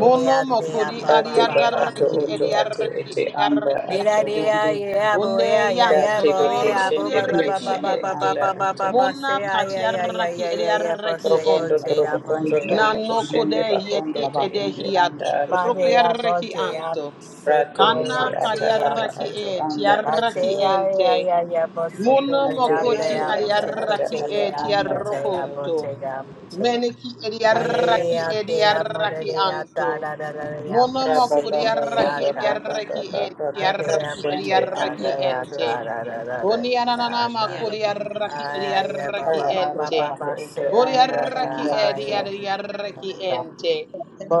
Speaker 2: Mono mo kuri
Speaker 7: Baba,
Speaker 4: Ate ba
Speaker 7: Baba.
Speaker 4: ato
Speaker 2: ariarraki
Speaker 4: oto ate
Speaker 2: eriarraki
Speaker 4: ete anda
Speaker 2: eriarraki
Speaker 7: Mira,
Speaker 4: ato.
Speaker 2: yanto.
Speaker 7: yeah,
Speaker 2: Une
Speaker 7: boya, yeah, yeah,
Speaker 2: yanto
Speaker 4: Date
Speaker 2: dor
Speaker 7: boya,
Speaker 2: kuri
Speaker 4: bekeshende
Speaker 7: Baba, Baba,
Speaker 2: arraki
Speaker 7: Baba,
Speaker 4: bekeshende
Speaker 2: ente.
Speaker 7: Baba,
Speaker 4: anda
Speaker 7: Baba, Baba,
Speaker 4: ato.
Speaker 6: bere
Speaker 2: Muna
Speaker 7: say,
Speaker 6: bere
Speaker 7: yeah,
Speaker 2: kati
Speaker 7: yeah, yeah,
Speaker 2: arraki
Speaker 7: yeah, yeah, yeah,
Speaker 2: eriarraki
Speaker 4: Robondo
Speaker 2: ente.
Speaker 6: abu
Speaker 7: Bosecochea,
Speaker 6: bere
Speaker 4: Torobocondo
Speaker 6: shiki
Speaker 7: Mochea.
Speaker 2: Nanno
Speaker 6: bere
Speaker 2: kude
Speaker 4: Torobocoshende Bacondo
Speaker 2: hieti
Speaker 4: Te
Speaker 6: baba
Speaker 4: Ende
Speaker 2: edehiato.
Speaker 4: Anda
Speaker 2: Rukri
Speaker 7: Mande
Speaker 4: Ato
Speaker 7: a
Speaker 2: arraki
Speaker 7: bote a
Speaker 2: anto.
Speaker 4: Rate
Speaker 7: seco a
Speaker 4: Ete
Speaker 2: Kana
Speaker 4: Ata
Speaker 7: te a
Speaker 4: Aba
Speaker 2: kariaraki
Speaker 7: te
Speaker 4: Ato
Speaker 2: enti
Speaker 4: Anda
Speaker 7: a te
Speaker 4: Ato
Speaker 2: arraki
Speaker 7: a
Speaker 2: ente.
Speaker 7: ya ya ya bote
Speaker 2: Mono
Speaker 7: le
Speaker 4: Ate
Speaker 7: a te
Speaker 4: Ete
Speaker 2: mokoti
Speaker 7: a
Speaker 4: Ata
Speaker 7: bote
Speaker 2: ariaraki
Speaker 7: cote
Speaker 4: Ata
Speaker 7: le
Speaker 4: Aba
Speaker 2: eti
Speaker 7: a te
Speaker 4: Anda
Speaker 7: te a
Speaker 4: Ato
Speaker 2: arrokonto.
Speaker 7: bote a bote a
Speaker 2: Meneki
Speaker 7: ale
Speaker 2: ediaraki
Speaker 7: a te a more
Speaker 2: ediaraki
Speaker 7: le a
Speaker 2: anto.
Speaker 7: ta da da da le a
Speaker 2: Mono
Speaker 4: Raba
Speaker 2: mokuri
Speaker 7: seco
Speaker 4: Baba
Speaker 7: le a
Speaker 2: arraki
Speaker 4: Baba
Speaker 7: ta
Speaker 2: ediaraki
Speaker 4: Baba Baba
Speaker 2: enti
Speaker 7: a
Speaker 4: Baba
Speaker 7: te a
Speaker 2: arraki
Speaker 7: mote
Speaker 4: Kashende
Speaker 7: ca
Speaker 4: Anda
Speaker 2: ediaraki
Speaker 7: le a
Speaker 4: Ato
Speaker 2: ente.
Speaker 7: ta da da da da
Speaker 2: Koni
Speaker 7: le
Speaker 2: ananama
Speaker 7: a ta
Speaker 2: makuri arraki
Speaker 7: ay ya ba
Speaker 2: ediaraki
Speaker 7: ba
Speaker 4: ala
Speaker 7: ba
Speaker 4: ala
Speaker 7: ba
Speaker 2: ente.
Speaker 7: ba
Speaker 4: Ato
Speaker 7: ba se
Speaker 4: Uto
Speaker 2: Bori
Speaker 4: Anda
Speaker 7: a ca
Speaker 4: Anda
Speaker 7: ha ya
Speaker 4: Ato
Speaker 2: ediaraki
Speaker 7: da.
Speaker 2: ente.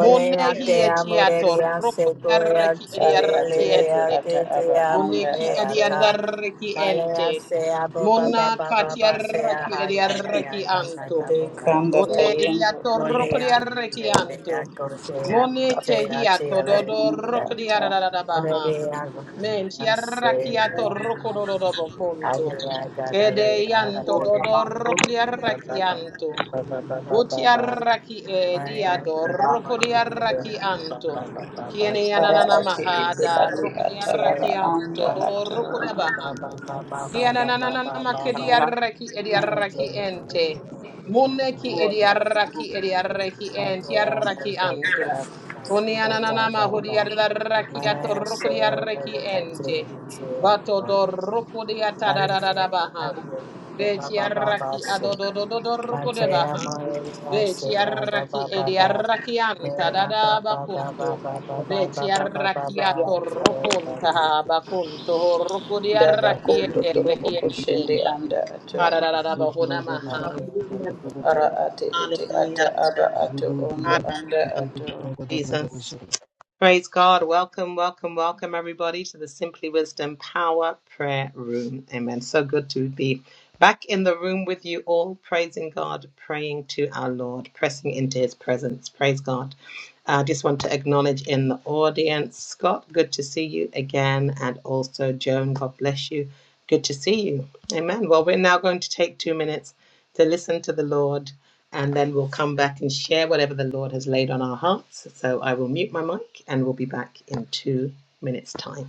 Speaker 2: Mune hieti
Speaker 7: amorelia,
Speaker 2: atoroko yarreki
Speaker 7: secoeate,
Speaker 4: Ari Ate Ete
Speaker 2: ediarrekiente.
Speaker 4: Ata
Speaker 7: leleate, te
Speaker 4: Aba
Speaker 7: amo,
Speaker 4: Anda
Speaker 2: Kuneki
Speaker 4: Ato
Speaker 7: beata.
Speaker 2: adiadarreki ente.
Speaker 7: Malea sea, boba,
Speaker 2: Mona
Speaker 7: baba, baba, sea,
Speaker 2: katiarraki
Speaker 7: ay, ay, ay,
Speaker 2: adiarreki
Speaker 7: ay, ay, ay,
Speaker 2: anto.
Speaker 4: De Kanda
Speaker 7: abogate.
Speaker 2: One
Speaker 4: Tayende Anda
Speaker 7: Olea,
Speaker 4: Ate Ete
Speaker 2: hiatorrokriarreki anto.
Speaker 7: morelia, cortea,
Speaker 2: Mone
Speaker 7: mochea,
Speaker 2: tehiato
Speaker 4: Ata
Speaker 7: chile,
Speaker 4: Anda Ato
Speaker 2: dodorokriaradabaha.
Speaker 7: morelia,
Speaker 2: Men
Speaker 7: morelia,
Speaker 2: tiarraki
Speaker 7: sea.
Speaker 2: atorrokodododobo punto.
Speaker 7: Hallelujah, God,
Speaker 2: Ede
Speaker 7: hallelujah,
Speaker 2: yanto
Speaker 6: Oh, na
Speaker 7: hallelujah.
Speaker 6: mamboro
Speaker 7: Ba,
Speaker 2: dodorokriarraki
Speaker 7: ba, ba,
Speaker 2: anto.
Speaker 7: ba, ba, ba,
Speaker 6: ya
Speaker 7: ba, ba, ba, ba.
Speaker 2: Gutiarraki
Speaker 6: sa akoko
Speaker 2: ediadorokriarraki anto. Kiene
Speaker 4: Ara
Speaker 2: yanana
Speaker 4: ati
Speaker 2: maha
Speaker 4: iti
Speaker 2: da
Speaker 6: ne
Speaker 4: ati
Speaker 2: roku
Speaker 4: ata
Speaker 6: ya
Speaker 2: yarraki
Speaker 4: aba
Speaker 6: ma
Speaker 2: anto
Speaker 4: anda
Speaker 2: do
Speaker 4: ato.
Speaker 2: roku da baha. Kiana nanana makedi
Speaker 6: kala
Speaker 2: yarraki edi
Speaker 6: ni ya
Speaker 2: yarraki ente.
Speaker 6: so
Speaker 2: Muneki edi
Speaker 6: ya ra ko ru
Speaker 2: yarraki edi yarraki ente yarraki
Speaker 6: ya
Speaker 2: anto. Koni yanana mahu di yarraki ato roku di yarraki ente. Bato do roku di ata da da da baha. Beti yarraki ado
Speaker 7: Hallelujah.
Speaker 2: do do do do roku de
Speaker 7: Matea
Speaker 2: baha.
Speaker 7: Maria
Speaker 2: Beti
Speaker 7: Sera
Speaker 2: yarraki
Speaker 7: Baba
Speaker 2: edi
Speaker 7: Baba
Speaker 2: yarraki anta da
Speaker 7: Mera
Speaker 2: da
Speaker 7: Baba Baba
Speaker 2: bakunto.
Speaker 7: Baba Baba
Speaker 2: Veti
Speaker 7: Baba Baba
Speaker 6: ya
Speaker 2: arracchiato
Speaker 7: Sera
Speaker 2: roconta bacunto roco di
Speaker 4: Daba kondo
Speaker 2: arracchiete
Speaker 4: torobo
Speaker 2: rechiete.
Speaker 4: koshende anda ato.
Speaker 2: Arararabahonamaha.
Speaker 7: Baba
Speaker 6: ya
Speaker 7: Baba
Speaker 4: Ara ati iti
Speaker 2: Hallelujah.
Speaker 4: ata aba
Speaker 5: Zulu
Speaker 4: ato
Speaker 5: Duri
Speaker 4: ondo anda
Speaker 2: Hallelujah.
Speaker 5: Brigade
Speaker 4: ato.
Speaker 5: Brigada Brigada Brigada
Speaker 2: Jesus. Praise God. Welcome, welcome, welcome, everybody, to the Simply Wisdom Power Prayer Room. Amen. So good to be back in the room with you all, praising God, praying to our Lord, pressing into his presence. Praise God. I just want to acknowledge in the audience, Scott, good to see you again, and also Joan, God bless you. Good to see you. Amen. Well, we're now going to take two minutes to listen to the Lord, and then we'll come back and share whatever the Lord has laid on our hearts. So I will mute my mic and we'll be back in two minutes' time.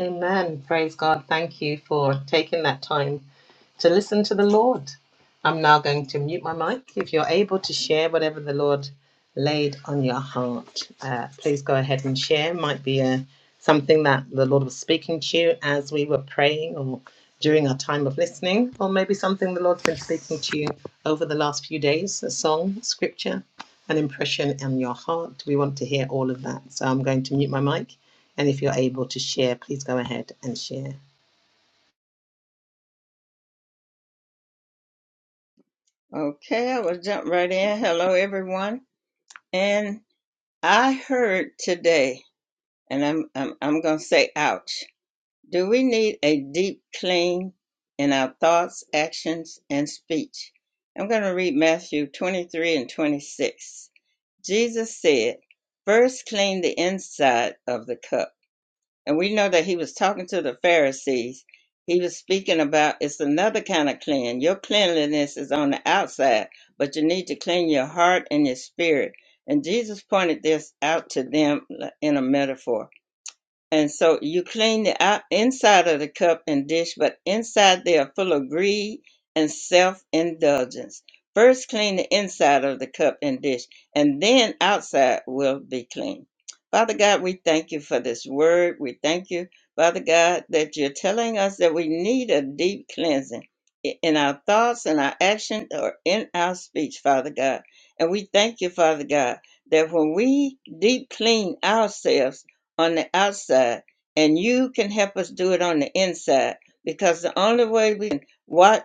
Speaker 2: Amen. Praise God. Thank you for taking that time to listen to the Lord. I'm now going to mute my mic. If you're able to share whatever the Lord laid on your heart, uh, please go ahead and share. Might be uh something that the Lord was speaking to you as we were praying or during our time of listening, or maybe something the Lord's been speaking to you over the last few days a song, scripture, an impression on your heart. We want to hear all of that. So I'm going to mute my mic. And if you're able to share, please go ahead and share.
Speaker 1: Okay, I will jump right in. Hello, everyone. And I heard today, and I'm I'm, I'm going to say, ouch. Do we need a deep clean in our thoughts, actions, and speech? I'm going to read Matthew 23 and 26. Jesus said, First clean the inside of the cup. And we know that he was talking to the Pharisees. He was speaking about it's another kind of clean. Your cleanliness is on the outside, but you need to clean your heart and your spirit. And Jesus pointed this out to them in a metaphor. And so you clean the out, inside of the cup and dish, but inside they are full of greed and self indulgence. First, clean the inside of the cup and dish, and then outside will be clean. Father God, we thank you for this word. We thank you, Father God, that you're telling us that we need a deep cleansing i- in our thoughts, in our actions, or in our speech, Father God. And we thank you, Father God, that when we deep clean ourselves, on the outside, and you can help us do it on the inside. Because the only way we can wa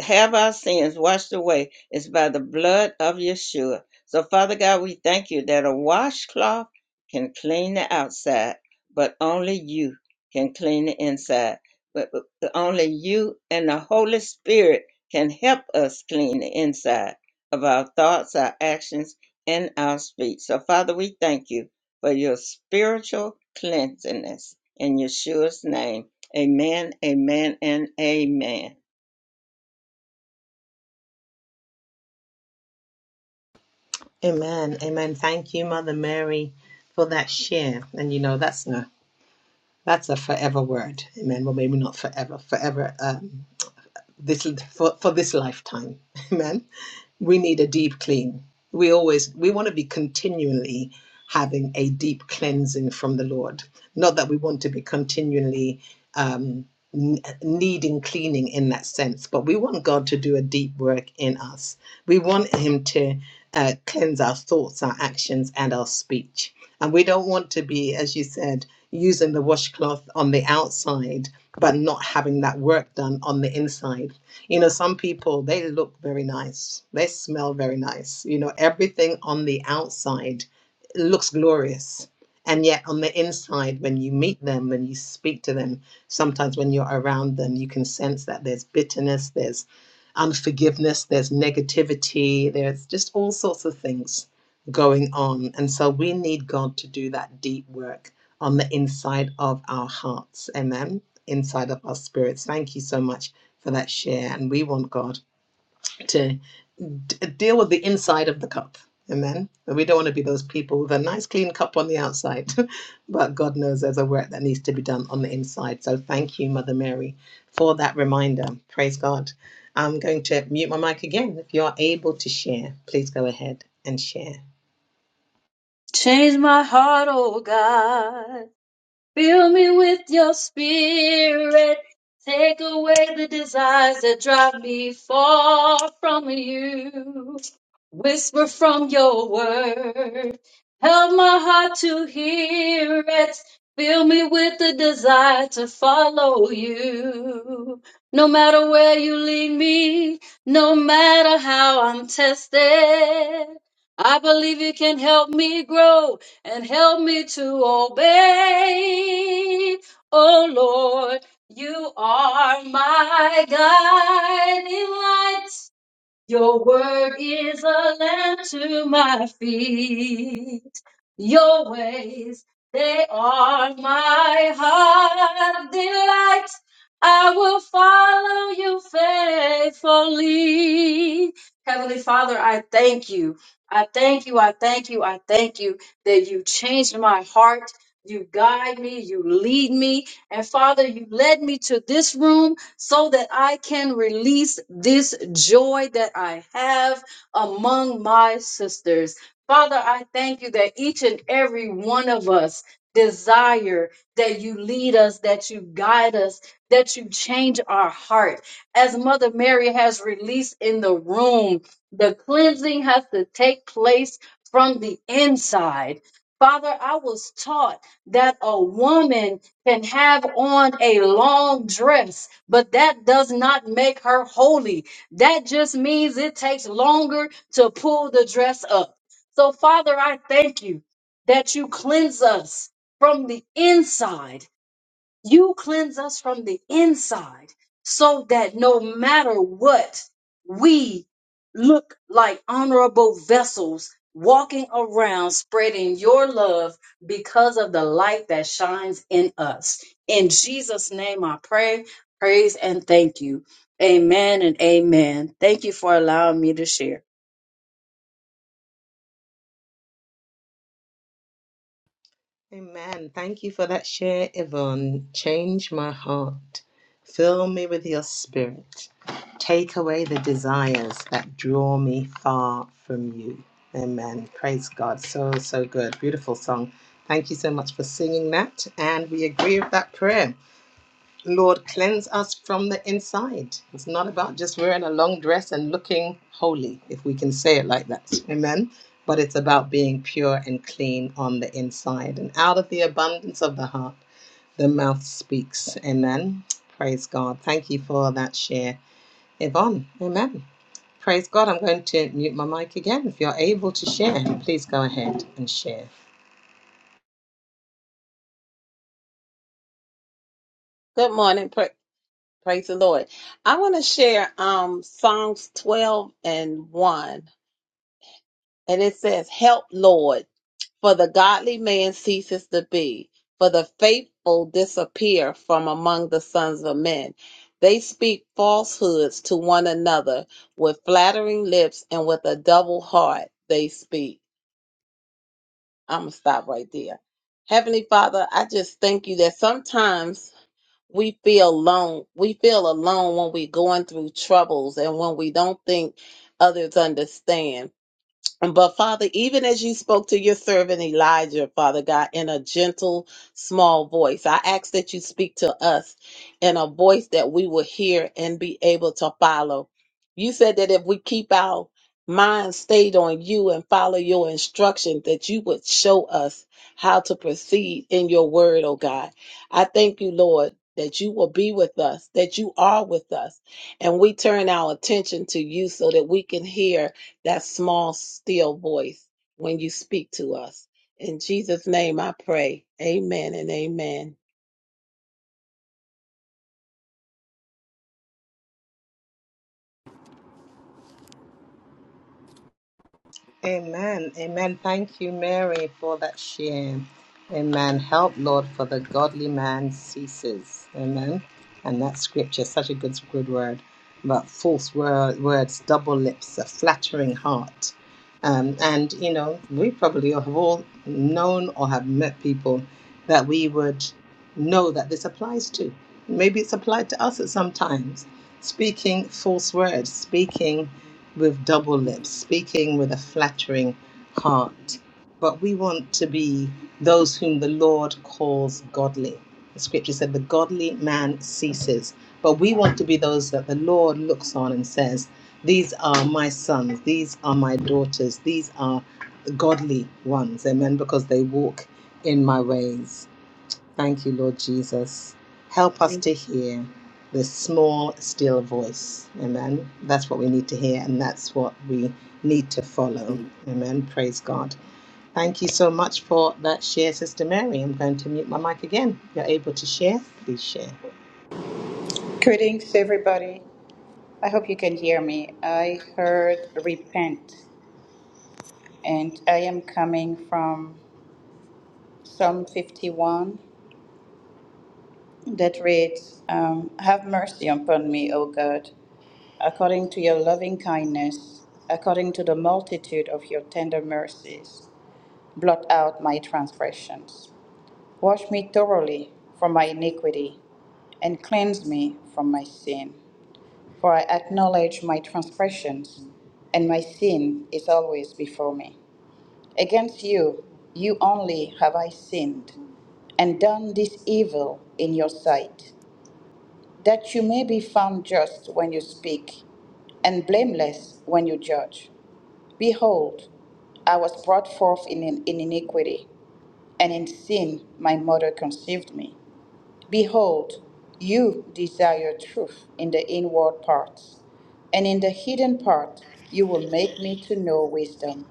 Speaker 1: have our sins washed away is by the blood of Yeshua. So, Father God, we thank you that a washcloth can clean the outside, but only you can clean the inside. But but only you and the Holy Spirit can help us clean the inside of our thoughts, our actions, and our speech. So, Father, we thank you for your spiritual cleanliness. In Yeshua's name, amen, amen, and amen.
Speaker 2: Amen. Amen. Thank you, Mother Mary, for that share. And you know, that's a that's a forever word. Amen. Well, maybe not forever. Forever. Um. this for, for this lifetime amen we need a deep clean we always we want to be continually having a deep cleansing from the lord not that we want to be continually um n- needing cleaning in that sense but we want god to do a deep work in us we want him to uh, cleanse our thoughts our actions and our speech and we don't want to be as you said using the washcloth on the outside but not having that work done on the inside. You know, some people, they look very nice, they smell very nice. You know, everything on the outside looks glorious. And yet, on the inside, when you meet them when you speak to them, sometimes when you're around them, you can sense that there's bitterness, there's unforgiveness, there's negativity, there's just all sorts of things going on. And so, we need God to do that deep work on the inside of our hearts. Amen inside of our spirits. Thank you so much for that share. And we want God to d- deal with the inside of the cup. Amen. And we don't want to be those people with a nice clean cup on the outside, but God knows there's a work that needs to be done on the inside. So thank you, Mother Mary, for that reminder. Praise God. I'm going to mute my mic again. If you are able to share, please go ahead and share.
Speaker 9: Change my heart, oh God. Fill me with your spirit. Take away the desires that drive me far from you. Whisper from your word. Help my heart to hear it. Fill me with the desire to follow you. No matter where you lead me, no matter how I'm tested, I believe you can help me grow and help me to obey. Oh Lord, you are my guiding light. Your word is a lamp to my feet. Your ways, they are my heart delight. I will follow you faithfully. Heavenly Father, I thank you. I thank you. I thank you. I thank you that you changed my heart. You guide me. You lead me. And Father, you led me to this room so that I can release this joy that I have among my sisters. Father, I thank you that each and every one of us desire that you lead us, that you guide us, that you change our heart. As Mother Mary has released in the room, the cleansing has to take place from the inside. Father, I was taught that a woman can have on a long dress, but that does not make her holy. That just means it takes longer to pull the dress up. So, Father, I thank you that you cleanse us from the inside. You cleanse us from the inside so that no matter what, we look like honorable vessels walking around spreading your love because of the light that shines in us. In Jesus' name, I pray, praise, and thank you. Amen and amen. Thank you for allowing me to share.
Speaker 2: Amen. Thank you for that share, Yvonne. Change my heart. Fill me with your spirit. Take away the desires that draw me far from you. Amen. Praise God. So, so good. Beautiful song. Thank you so much for singing that. And we agree with that prayer. Lord, cleanse us from the inside. It's not about just wearing a long dress and looking holy, if we can say it like that. Amen. But it's about being pure and clean on the inside. And out of the abundance of the heart, the mouth speaks. Amen. Praise God. Thank you for that share, Yvonne. Amen. Praise God. I'm going to mute my mic again. If you're able to share, please go ahead and share.
Speaker 10: Good morning. Pra- praise the Lord. I want to share um Psalms 12 and 1. And it says, Help, Lord, for the godly man ceases to be, for the faithful disappear from among the sons of men. They speak falsehoods to one another with flattering lips and with a double heart they speak. I'm going to stop right there. Heavenly Father, I just thank you that sometimes we feel alone we feel alone when we're going through troubles and when we don't think others understand but Father, even as you spoke to your servant Elijah, Father God, in a gentle, small voice, I ask that you speak to us in a voice that we will hear and be able to follow. You said that if we keep our minds stayed on you and follow your instructions, that you would show us how to proceed in your word, oh God. I thank you, Lord. That you will be with us, that you are with us. And we turn our attention to you so that we can hear that small, still voice when you speak to us. In Jesus' name I pray. Amen and amen.
Speaker 2: Amen. Amen. Thank you, Mary, for that share. Amen. Help, Lord, for the godly man ceases. Amen. And that scripture, such a good, good word. But false word, words, double lips, a flattering heart. Um, and, you know, we probably have all known or have met people that we would know that this applies to. Maybe it's applied to us at some times. Speaking false words, speaking with double lips, speaking with a flattering heart. But we want to be those whom the Lord calls godly. The scripture said, The godly man ceases. But we want to be those that the Lord looks on and says, These are my sons, these are my daughters, these are the godly ones. Amen. Because they walk in my ways. Thank you, Lord Jesus. Help us to hear the small, still voice. Amen. That's what we need to hear, and that's what we need to follow. Amen. Praise God. Thank you so much for that share, Sister Mary. I'm going to mute my mic again. If you're able to share, please share.
Speaker 4: Greetings, everybody. I hope you can hear me. I heard repent, and I am coming from Psalm 51. that reads, um, Have mercy upon me, O God, according to your loving kindness, according to the multitude of your tender mercies. Blot out my transgressions. Wash me thoroughly from my iniquity, and cleanse me from my sin for I acknowledge my transgressions, and my sin is always before me. Against you, you only have I sinned, and done this evil in your sight, that you may be found just when you speak and blameless when you judge. Behold, I was brought forth in, in iniquity, and in sin my mother conceived me. Behold, you desire truth in the inward parts, and in the hidden part you will make me to know wisdom.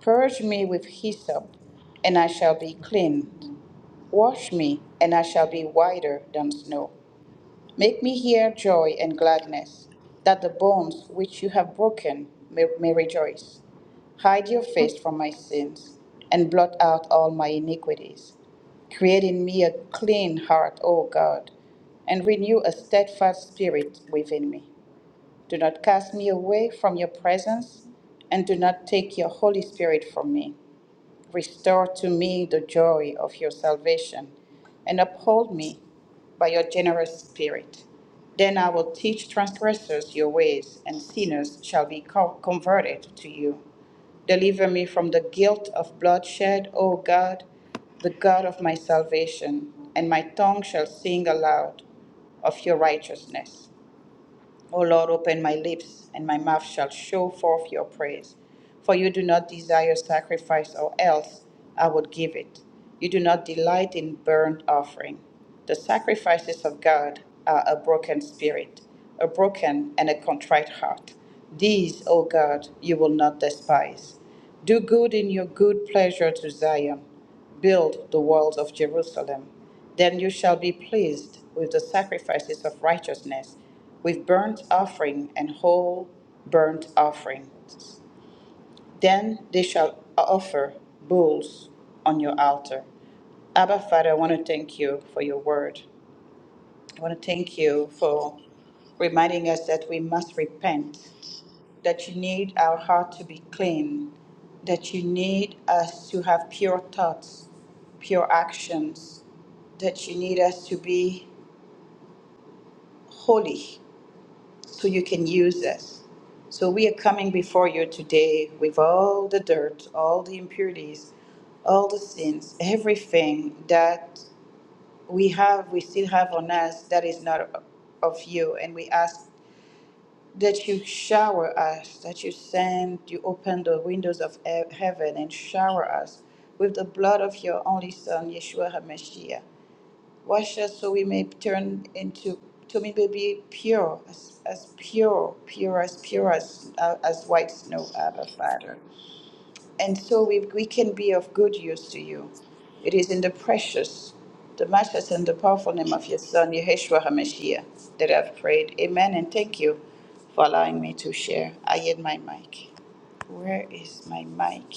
Speaker 4: Purge me with hyssop, and I shall be clean. Wash me, and I shall be whiter than snow. Make me hear joy and gladness, that the bones which you have broken may, may rejoice. Hide your face
Speaker 7: Baba
Speaker 4: from my sins, and blot out all my iniquities. Create in me a clean heart, O God, and renew a steadfast spirit within me. Do not cast me away from your presence, and do not take your Holy Spirit from me. Restore to me the joy of your salvation, and uphold me by your generous spirit. Then I will teach transgressors your ways, and sinners shall be co- converted to you. Deliver me from the guilt of bloodshed, O God, the God of my salvation, and my tongue shall sing aloud of your righteousness. O Lord, open my lips, and my mouth shall show forth your praise. For you do not desire sacrifice, or else I would give it. You do not delight in burnt offering. The sacrifices of God are a broken spirit, a broken and a contrite heart. These, O God, you will not despise. Do good in your good pleasure to Zion. Build the walls of Jerusalem. Then you shall be pleased with the sacrifices of righteousness, with burnt offering and whole burnt offerings. Then they shall offer bulls on your altar. Abba, Father, I want to thank you for your word. I want to thank you for reminding us that we must repent that you need our heart to be clean, that you need us to have pure thoughts, pure actions, that you need us to be holy so you can use us. So we are coming before you today with all the dirt, all the impurities, all the sins, everything that we have, we still have on us that is not of you. And we ask that you shower us, that you send, you open the windows of he- heaven and shower us with the blood of your only Son, Yeshua HaMashiach. Wash us so we may turn into, to me, may be pure, as, as pure, pure as pure as, uh, as white snow, Abba Father and so we, we can be of good use to you. It is in the precious, the matchless, and the powerful name of your Son, Yeshua HaMashiach, that I've prayed. Amen. And thank you for allowing me to share. I yield my mic. Where is my mic?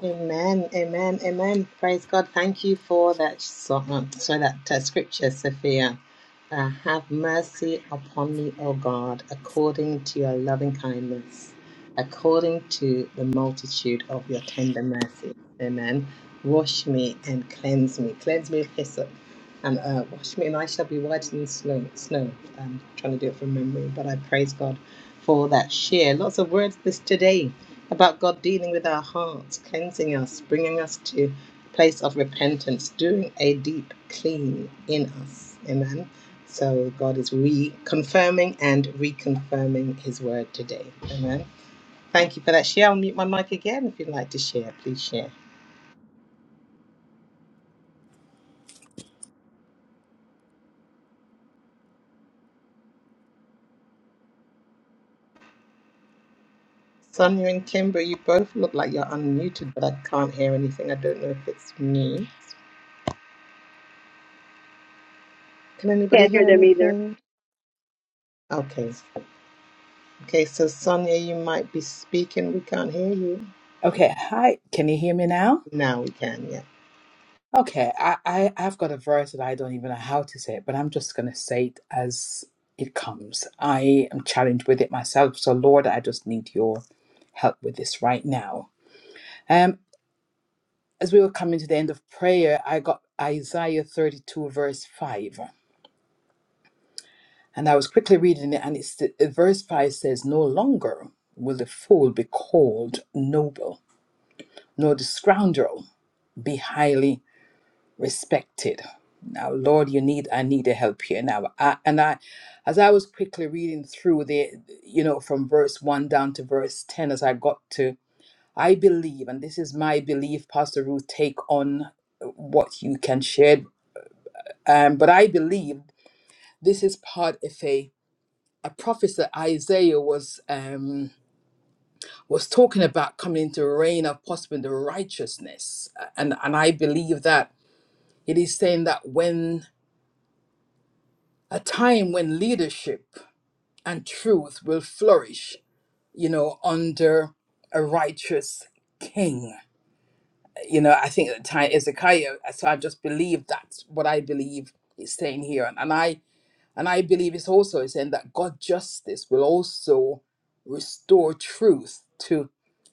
Speaker 2: Amen, amen, amen. Praise God. Thank you for that song, so that uh, scripture, Sophia. Uh, have mercy upon me, O God, according to your loving kindness, according to the multitude of your tender mercies. Amen. Wash me and cleanse me. Cleanse me of hyssop and uh, wash me, and I shall be whiter than snow. snow. I'm trying to do it from memory, but I praise God for that share. Lots of words this today about God dealing with our hearts, cleansing us, bringing us to a place of repentance, doing a deep clean in us. Amen. So God is reconfirming and reconfirming His word today. Amen. Thank you for that share. I'll mute my mic again if you'd like to share. Please share. Sonia and Kimber, you both look like you're unmuted, but I can't hear anything. I don't know if it's me. Can anybody
Speaker 9: Can't hear
Speaker 2: hear
Speaker 9: them either.
Speaker 2: anything? Okay. Okay, so Sonia, you might be speaking. We can't hear you.
Speaker 8: hi. Can you hear me now?
Speaker 2: Now we can, yeah.
Speaker 8: Okay, I, I I've got a verse that I don't even know how to say it, but I'm just gonna say it as it comes. I am challenged with it myself, so Lord, I just need your help with this right now. Um, as we were coming to the end of prayer, I got Isaiah 32 verse 5. And I was quickly reading it, and it's the, uh, verse 5 says, No longer will the fool be called noble, nor the scoundrel be highly respected. Now, Lord, you need I need a help here now. I, and I, as I was quickly reading through the, you know, from verse one down to verse ten, as I got to, I believe, and this is my belief, Pastor Ruth, take on what you can share. Um, but I believe this is part of a a prophet that Isaiah was um, was talking about coming into a reign of possibly the righteousness, and and I believe that it is saying that when a time when leadership and truth will flourish, you know, under a righteous king. You know, I think at the time Ezekiah, so I just believe that's what I believe is saying here. And, and I And I believe it's also saying that God justice will also restore truth to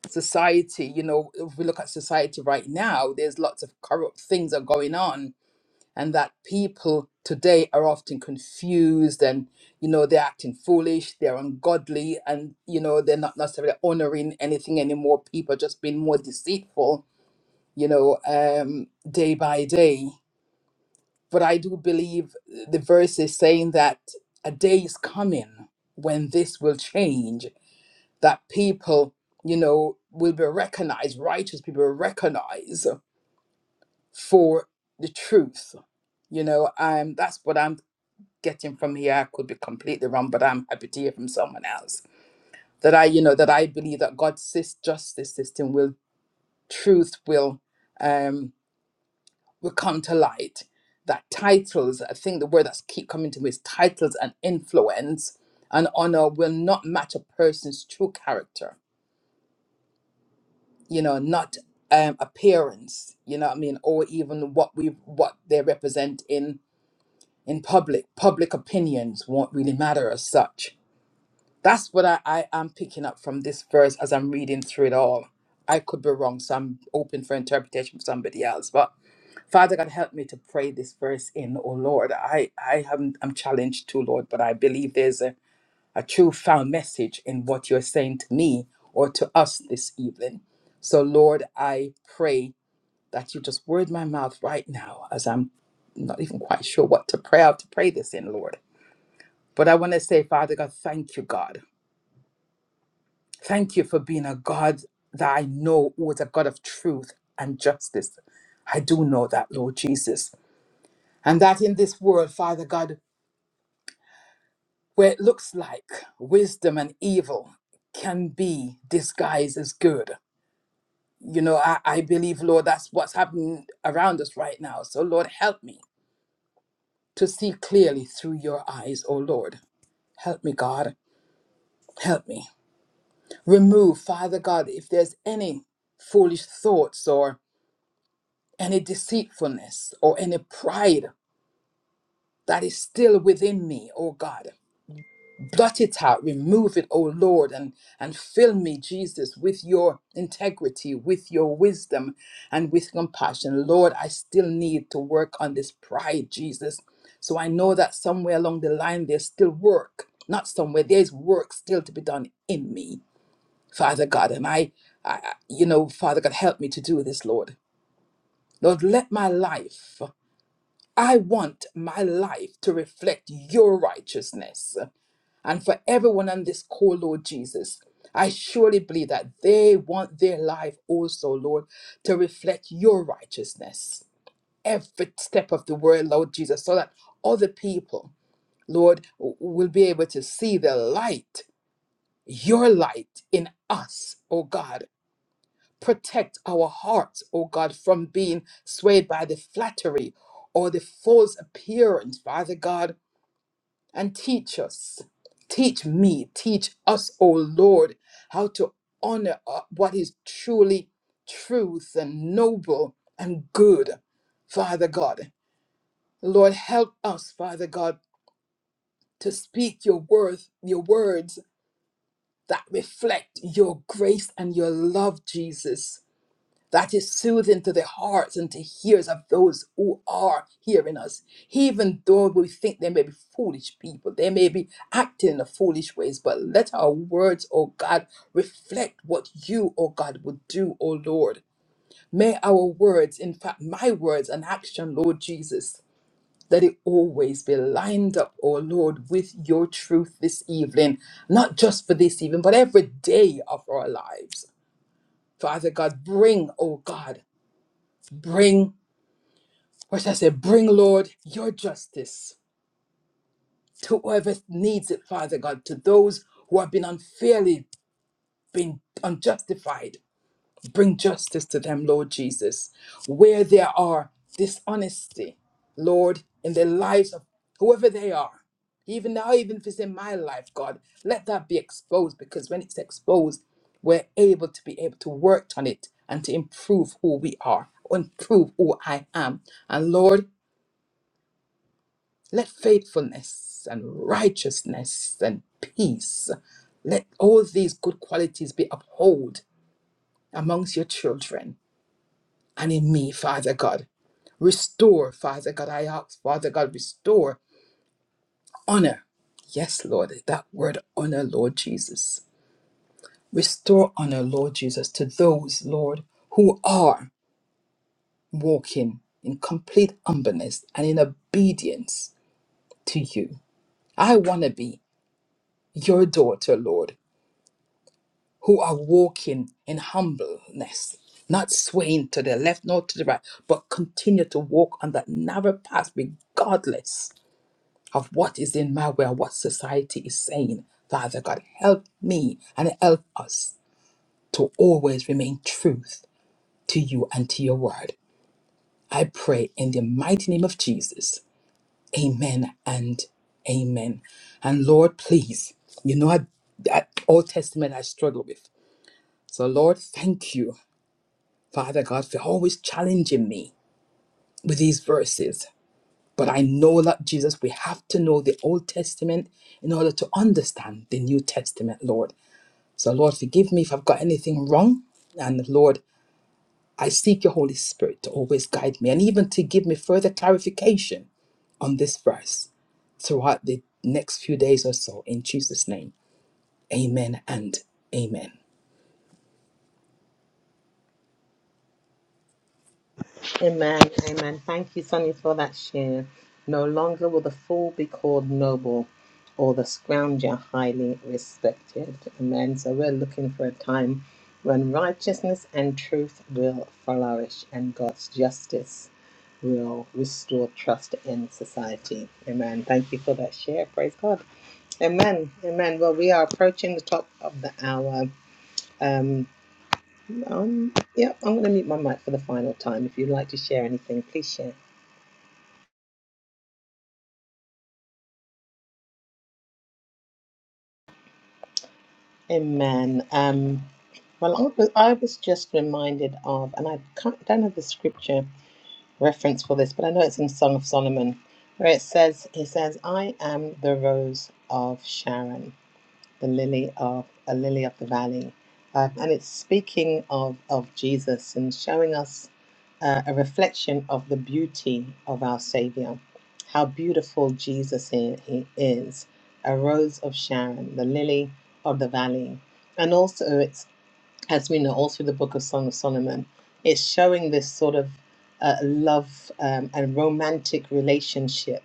Speaker 8: society. You know, if we look at society right now, there's lots of corrupt things are going on, and that people today are often confused and you know they're acting foolish, they're ungodly, and you know they're not necessarily honoring anything anymore. People are just being more deceitful, you know, um, day by day. But I do believe the verse is saying that a day is coming when this will change, that people, you know, will be recognized, righteous people will recognize for the truth. You know, um, that's what I'm getting from here. I could be completely wrong, but I'm happy to hear from someone else. That I, you know, that I believe that God's sys- justice system will, truth will um will come to light that titles i think the word that's keep coming to me is titles and influence and honor will not match a person's true character you know not um, appearance you know what i mean or even what we what they represent in in public public opinions won't really matter as such that's what I, I am picking up from this verse as i'm reading through it all i could be wrong so i'm open for interpretation from somebody else but Father God, help me to pray this verse in, oh Lord. I, I haven't, I'm challenged to, Lord, but I believe there's a, a true found message in what you're saying to me or to us this evening. So, Lord, I pray that you just word my mouth right now as I'm not even quite sure what to pray out to pray this in, Lord. But I want to say, Father God, thank you, God. Thank you for being a God that I know who is a God of truth and justice. I do know that, Lord Jesus. And that in this world, Father God, where it looks like wisdom and evil can be disguised as good. You know, I, I believe, Lord, that's what's happening around us right now. So, Lord, help me to see clearly through your eyes, oh Lord. Help me, God. Help me. Remove, Father God, if there's any foolish thoughts or any deceitfulness or any pride that is still within me, oh God. blot it out, remove it, O Lord, and, and fill me, Jesus, with your integrity, with your wisdom, and with compassion. Lord, I still need to work on this pride, Jesus. So I know that somewhere along the line there's still work, not somewhere, there's work still to be done in me, Father God. And I, I I- you know, Father God, help me to do this, Lord. Lord, let my life, I want my life to reflect your righteousness and for everyone on this call, Lord Jesus. I surely believe that they want their life also, Lord, to reflect your righteousness every step of the word, Lord Jesus, so that other people, Lord, w- will be able to see the light, your light in us, oh God. Protect our hearts, oh God, from being swayed by the flattery or the false appearance, Father God, and teach us, teach me, teach us, O Lord, how to honor uh, what is truly truth and noble and good, Father God. Lord, help us, Father God, to speak your worth, your words that reflect your grace and your love, Jesus. That is soothing to the hearts and to ears of those who are hearing us. Even though we think they may be foolish people, they may be acting in foolish ways, but let our words, O God, reflect what you, O God, would do, O Lord. May our words, in fact, my words and action, Lord Jesus, that it always be lined up, O Lord, with your truth this evening, not just for this evening, but every day of our lives. Father God, bring, O God, bring. Which I said, bring, Lord, your justice to whoever needs it, Father God, to those who have been unfairly, been unjustified. Bring justice to them, Lord Jesus. Where there are dishonesty, Lord, in the lives of whoever they are, even now, even if it's in my life, God, let that be exposed because when it's exposed, we're able to be able to work on it and to improve who we are, improve who I am. And Lord, Let faithfulness and righteousness and peace, let all these good qualities be upheld amongst your children and in me, Father God. Restore, Father God. I ask, Father God, restore honor. Yes, Lord, that word honor, Lord Jesus. Restore honor, Lord Jesus, to those, Lord, who are walking in complete humbleness and in obedience to you. I want to be your daughter, Lord. who are walking in humbleness, not swaying to the left nor to the right, but continue to walk on that narrow path regardless of what is in my way or what society is saying. Father God, help me and help us to always remain truth to you and to your word. I pray in the mighty name of Jesus. Amen and amen. And Lord, please, you know, I, that Old Testament I struggle with. So, Lord, thank you Father God, for always challenging me with these verses. But I know that Jesus, we have to know the Old Testament in order to understand the New Testament, Lord. So, Lord, forgive me if I've got anything wrong. And Lord, I seek your Holy Spirit to always guide me and even to give me further clarification on this verse throughout the next few days or so. In Jesus' name, amen and amen.
Speaker 2: Amen, amen. Thank you, Sonny, for that share. No longer will the fool be called noble or the scrounger highly respected. Amen. So we're looking for a time when righteousness and truth will flourish and God's justice will restore trust in society. Amen. Thank you for that share. Praise God. Amen. Amen. Well, we are approaching the top of the hour. Um, Um, yeah, I'm going to mute my mic for the final time. If you'd like to share anything, please share. Amen. Um, well, I was, I was just reminded of, and I can't, I don't have the scripture reference for this, but I know it's in Song of Solomon, where it says, "He says, I am the rose of Sharon." the lily of a lily of the valley, Um, and it's speaking of of Jesus and showing us uh, a reflection of the beauty of our Savior, how beautiful Jesus i- he is, a rose of Sharon, the lily of the valley, and also it's as we know all through the book of Song of Solomon, it's showing this sort of uh, love um, and romantic relationship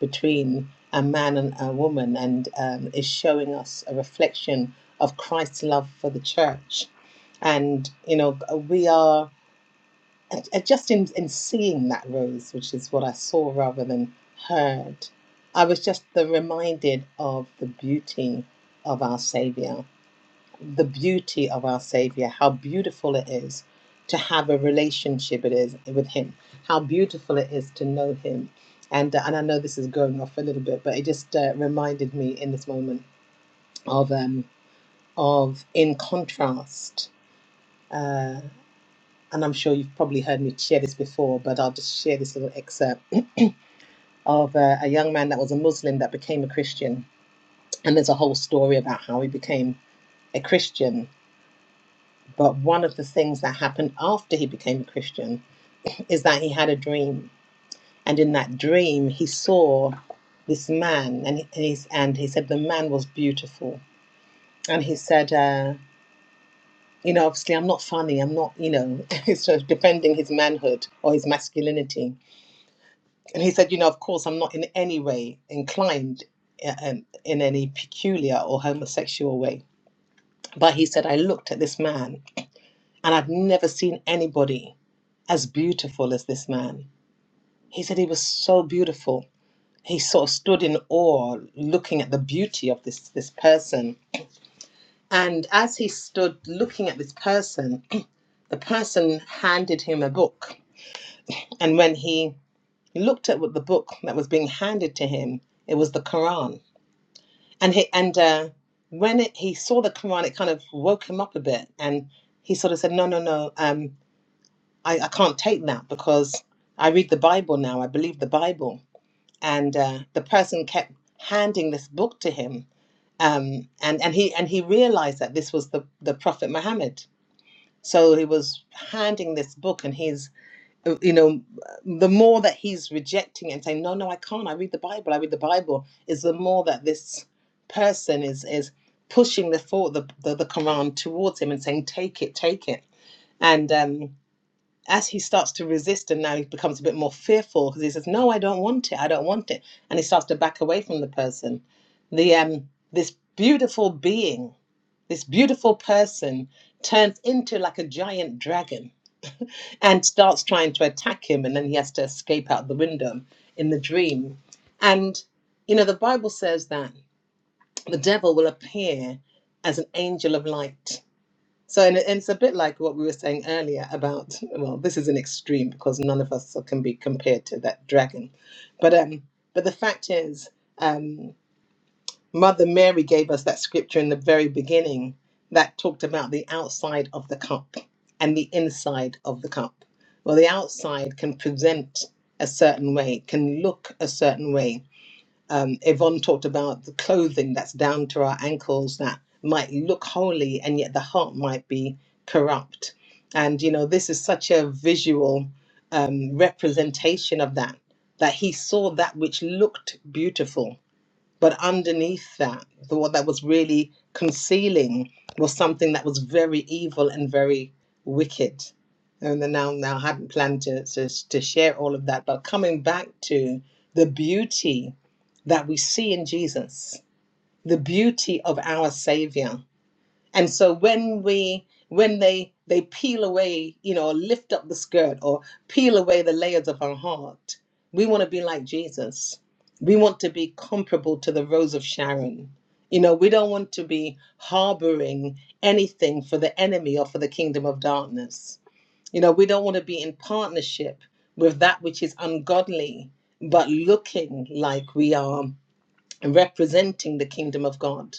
Speaker 2: between a man and a woman, and um, is showing us a reflection of Christ's love for the church. And you know, we are uh, just in, in seeing that rose, which is what I saw rather than heard. I was just the reminded of the beauty of our Savior the beauty of our Savior, how beautiful it is to have a relationship it is with Him, how beautiful it is to know Him. And, uh, and I know this is going off a little bit, but it just uh, reminded me in this moment of, um, of in contrast, uh, and I'm sure you've probably heard me share this before, but I'll just share this little excerpt of uh, a young man that was a Muslim that became a Christian. And there's a whole story about how he became a Christian But one of the things that happened after he became a Christian is that he had a dream. And in that dream, he saw this man, and, he- and, he said the man was beautiful. And he said, uh, you know, obviously I'm not funny. I'm not, you know, sort of defending his manhood or his masculinity. And he said, you know, of course, I'm not in any way inclined uh, um, in any peculiar or homosexual way. But he said, I looked at this man and I've never seen anybody as beautiful as this man. He said he was so beautiful. He sort of stood in awe looking at the beauty of this, this person. And as he stood looking at this person, the person handed him a book. And when he looked at what the book that was being handed to him, it was the Quran. And he and uh, when it, he saw the Quran, it kind of woke him up a bit. And he sort of said, "No, no, no. Um, I, I can't take that because I read the Bible now. I believe the Bible. And uh, the person kept handing this book to him. Um, and, and he and he realized that this was the, the Prophet Muhammad. So he was handing this book and he's, uh, you know, the more that he's rejecting it and saying, no, no, I can't. I read the Bible. I read the Bible is the more that this person is is pushing the, thought, the, the, the Quran towards him and saying, take it, take it. And um, as he starts to resist and now he becomes a bit more fearful because he says no i don't want it i don't want it and he starts to back away from the person the um this beautiful being this beautiful person turns into like a giant dragon and starts trying to attack him and then he has to escape out the window in the dream and you know the bible says that the devil will appear as an angel of light so, and it- and it's a bit like what we were saying earlier about, well, this is an extreme because none of us can be compared to that dragon. But, um, but the fact is, um, Mother Mary gave us that scripture in the very beginning that talked about the outside of the cup and the inside of the cup. Well, the outside can present a certain way, can look a certain way, um, Yvonne talked about the clothing that's down to our ankles that might look holy and yet the heart might be corrupt. And, you know, this is such a visual um, representation of that, that he saw that which looked beautiful but underneath that the what that was really concealing was something that was very evil and very wicked and then now now I hadn't planned to, to to share all of that but coming back to the beauty that we see in jesus the beauty of our savior and so when we when they they peel away you know or lift up the skirt or peel away the layers of our heart we want to be like jesus we want to be comparable to the rose of sharon you know we don't want to be harboring anything for the enemy or for the kingdom of darkness you know we don't want to be in partnership with that which is ungodly but looking like we are representing the kingdom of god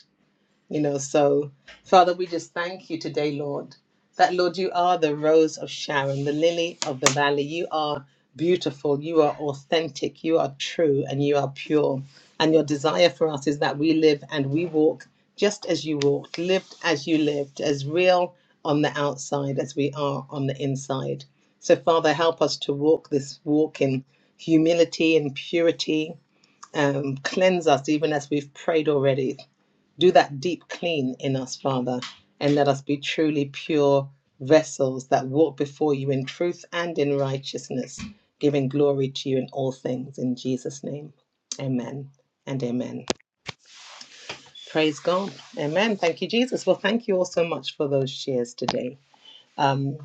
Speaker 2: you know, so Father, we just thank you today, Lord, that Lord, you are the rose of Sharon, the lily of the valley. You are beautiful, you are authentic, you are true, and you are pure. And your desire for us is that we live and we walk just as you walked, lived as you lived, as real on the outside as we are on the inside. So, Father, help us to walk this walk in humility and purity. Um, cleanse us, even as we've prayed already. Do that deep clean in us, Father, and let us be truly pure vessels that walk before you in truth and in righteousness, giving glory to you in all things. In Jesus' name, amen and amen. Praise God. Amen. Thank you, Jesus. Well, thank you all so much for those shares today. Um,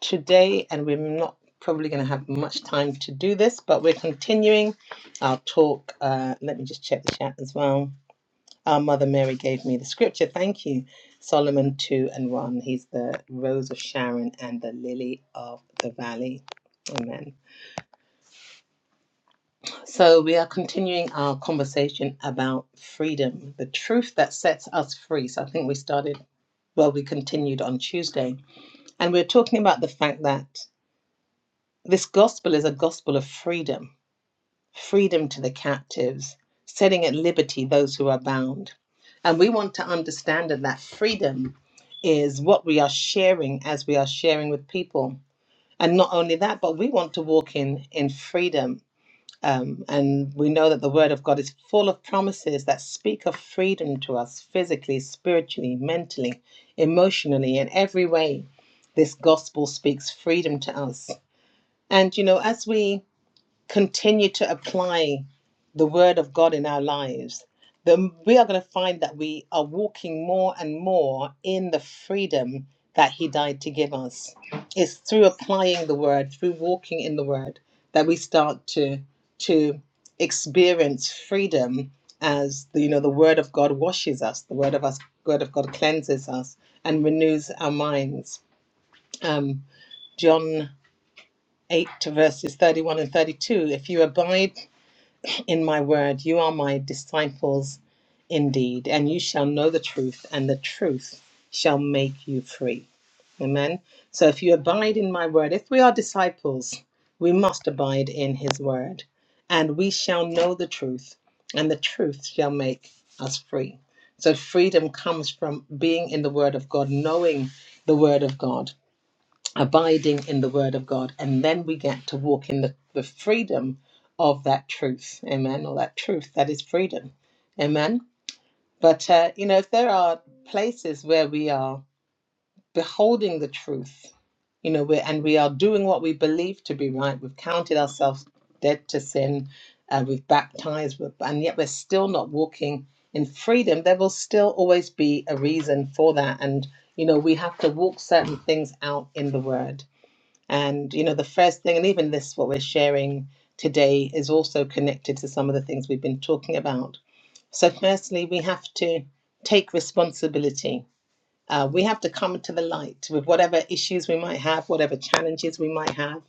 Speaker 2: today, and we're not probably going to have much time to do this, but we're continuing our talk. Uh, let me just check the chat as well our Mother Mary gave me the scripture. Thank you. Solomon 2 and 1. He's the rose of Sharon and the lily of the valley. Amen. So we are continuing our conversation about freedom, the truth that sets us free. So I think we started, well, we continued on Tuesday. And we're talking about the fact that this gospel is a gospel of freedom freedom to the captives, setting at liberty those who are bound. And we want to understand that that freedom is what we are sharing as we are sharing with people. And not only that, but we want to walk in in freedom. Um, and we know that the Word of God is full of promises that speak of freedom to us physically, spiritually, mentally, emotionally, in every way. This gospel speaks freedom to us. And you know, as we continue to apply the word of God in our lives, then we are going to find that we are walking more and more in the freedom that He died to give us. It's through applying the word, through walking in the word, that we start to to experience freedom as the, you know the word of God washes us, the word of us, word of God cleanses us and renews our minds. Um, John 8 verses 31 and 32 if you abide in my word. You are my disciples indeed, and you shall know the truth, and the truth shall make you free. Amen. So if you abide in my word, if we are disciples, we must abide in his word, and we shall know the truth, and the truth shall make us free. So freedom comes from being in the word of God, knowing the word of God abiding in the word of God, and then we get to walk in the, the freedom of that truth. Amen. Or that truth that is freedom. Amen. But, uh, you know, if there are places where we are beholding the truth, you know, we're, and we are doing what we believe to be right, we've counted ourselves dead to sin, uh, we've baptized, we're, and yet we're still not walking in freedom, there will still always be a reason for that. And, you know, we have to walk certain things out in the word and, you know, the first thing, and even this, what we're sharing today, is also connected to some of the things we've been talking about. So, firstly, we have to take responsibility uh, we have to come to the light with whatever issues we might have, whatever challenges we might have.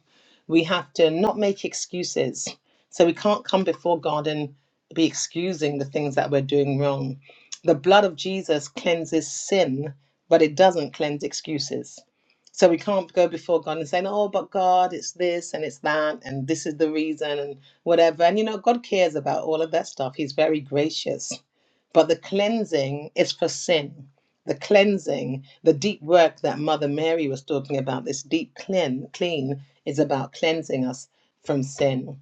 Speaker 2: We have to not make excuses. So we can't come before God and be excusing the things that we're doing wrong. The blood of Jesus cleanses sin, but it doesn't cleanse excuses. So we can't go before God and say, "Oh, but God, it's this and it's that, and this is the reason, and whatever." And you know, God cares about all of that stuff. He's very gracious, but the cleansing is for sin the cleansing, the deep work that Mother Mary was talking about, this deep clean, clean is about cleansing us from sin.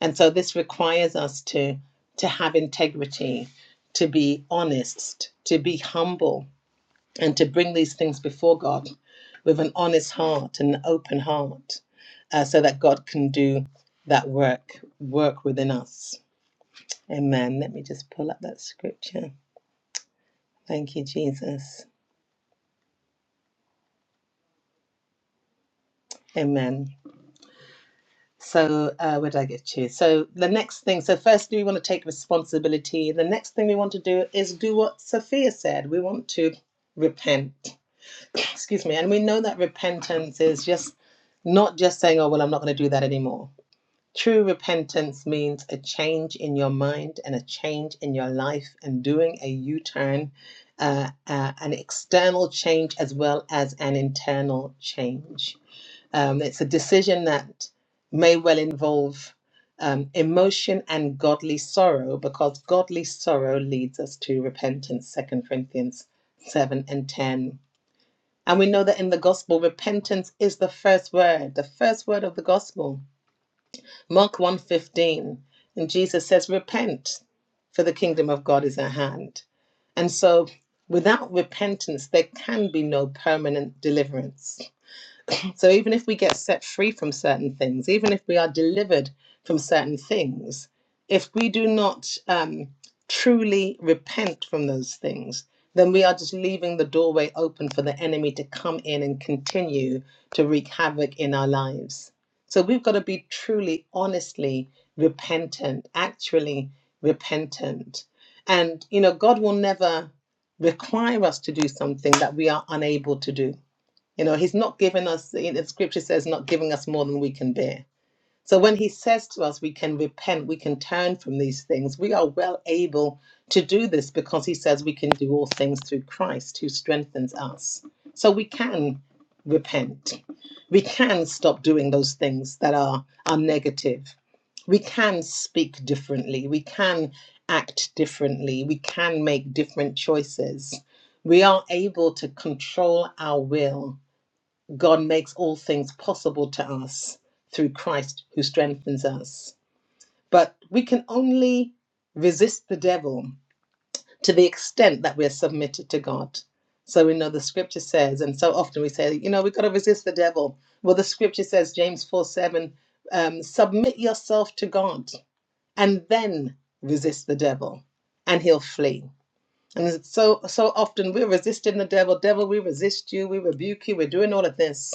Speaker 2: And so this requires us to, to have integrity, to be honest, to be humble, and to bring these things before God with an honest heart and an open heart uh, so that God can do that work, work within us. Amen. Let me just pull up that scripture. Thank you, Jesus. Amen. So, uh, where did I get to? So, the next thing, so firstly, we want to take responsibility. The next thing we want to do is do what Sophia said. We want to repent, excuse me. And we know that repentance is just not just saying, oh, well, I'm not going to do that anymore. True repentance means a change in your mind and a change in your life and doing a U turn, uh, uh, an external change as well as an internal change. Um, it's a decision that may well involve um, emotion and godly sorrow because godly sorrow leads us to repentance, Second Corinthians 7 and 10. And we know that in the gospel, repentance is the first word, the first word of the gospel. Mark one fifteen, and Jesus says, repent, for the kingdom of God is at hand. And so without repentance, there can be no permanent deliverance so even if we get set free from certain things, even if we are delivered from certain things, if we do not um, truly repent from those things, then we are just leaving the doorway open for the enemy to come in and continue to wreak havoc in our lives. So we've got to be truly, honestly repentant, actually repentant. And, you know, God will never require us to do something that we are unable to do. You know, he's not giving us, the scripture says, not giving us more than we can bear. So when he says to us, we can repent, we can turn from these things, we are well able to do this because he says we can do all things through Christ who strengthens us. So we can repent. We can stop doing those things that are, are negative. We can speak differently. We can act differently. We can make different choices. We are able to control our will God makes all things possible to us through Christ who strengthens us. But we can only resist the devil to the extent that we're submitted to God. So we know the scripture says, and so often we say, you know, we've got to resist the devil. Well, the scripture says, James 4 7, um, submit yourself to God and then resist the devil and he'll flee. And so so often we're resisting the devil. Devil, we resist you. We rebuke you. We're doing all of this,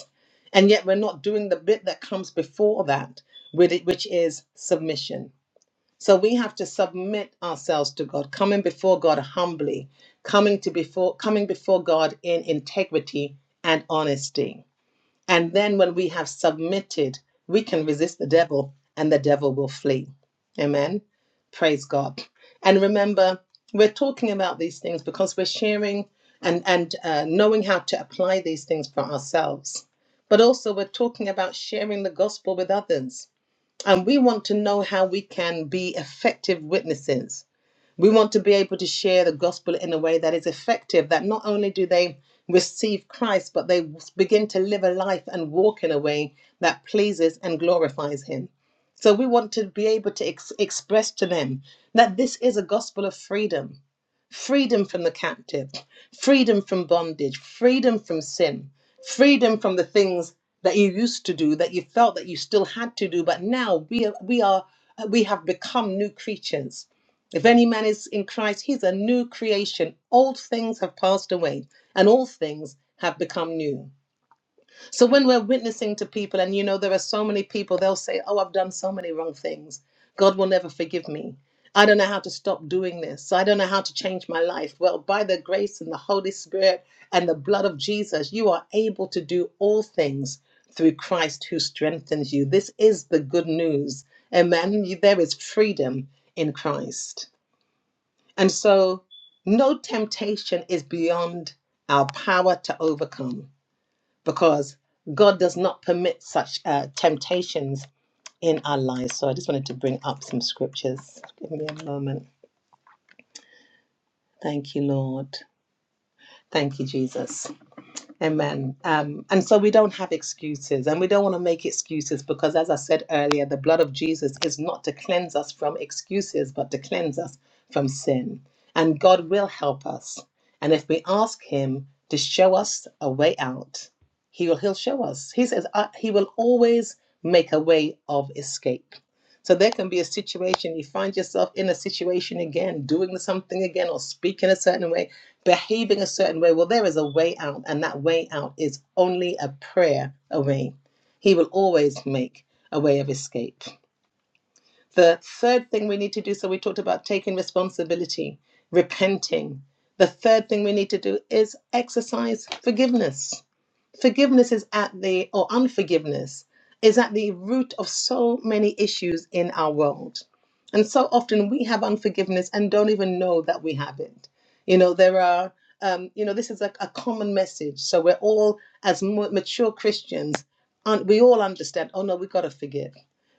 Speaker 2: and yet we're not doing the bit that comes before that, with it, which is submission. So we have to submit ourselves to God, coming before God humbly, coming to before coming before God in integrity and honesty. And then when we have submitted, we can resist the devil and the devil will flee. Amen. Praise God. And remember, we're talking about these things because we're sharing and, and uh, knowing how to apply these things for ourselves. But also, we're talking about sharing the gospel with others. And we want to know how we can be effective witnesses we want to be able to share the gospel in a way that is effective, that not only do they receive Christ, but they begin to live a life and walk in a way that pleases and glorifies Him. So we want to be able to ex- express to them that this is a gospel of freedom freedom from the captive, freedom from bondage, freedom from sin, freedom from the things that you used to do that you felt that you still had to do but now we are, we are we have become new creatures if any man is in Christ, he's a new creation. Old things have passed away, and all things have become new. So when we're witnessing to people, and you know, there are so many people, they'll say, Oh, I've done so many wrong things. God will never forgive me. I don't know how to stop doing this. I don't know how to change my life. Well, by the grace and the Holy Spirit and the blood of Jesus, you are able to do all things through Christ who strengthens you. This is the good news. Amen. There is freedom in Christ. And so, no temptation is beyond our power to overcome because God does not permit such uh, temptations in our lives. So, I just wanted to bring up some scriptures. Give me a moment. Thank you, Lord. Thank you, Jesus. Amen. Um, and so we don't have excuses and we don't want to make excuses because, as I said earlier, the blood of Jesus is not to cleanse us from excuses, but to cleanse us from sin. And God will help us. And if we ask Him to show us a way out, He will, He'll show us. He says uh, He will always make a way of escape. So there can be a situation, you find yourself in a situation again, doing something again, or speaking a certain way behaving a certain way. Well, there is a way out, and that way out is only a prayer away. He will always make a way of escape. The third thing we need to do, so we talked about taking responsibility, repenting. The third thing we need to do is exercise forgiveness. Forgiveness is at the, or unforgiveness is at the root of so many issues in our world. And so often we have unforgiveness and don't even know that we have it. You know, there are, um, you know, this is a, a common message. So we're all, as ma- mature Christians, un- we all understand, oh no, we've got to forgive.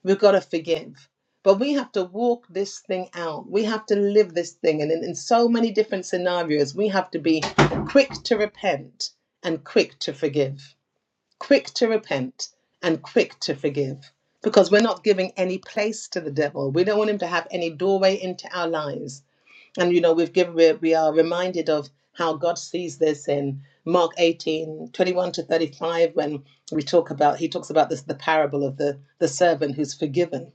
Speaker 2: We've got to forgive. But we have to walk this thing out. We have to live this thing. And in, in so many different scenarios, we have to be quick to repent and quick to forgive. Quick to repent and quick to forgive. Because we're not giving any place to the devil. We don't want him to have any doorway into our lives. And, you know, we've given, we, we are reminded of how God sees this in Mark 18 21 to 35, when we talk about, he talks about this, the parable of the, the servant who's forgiven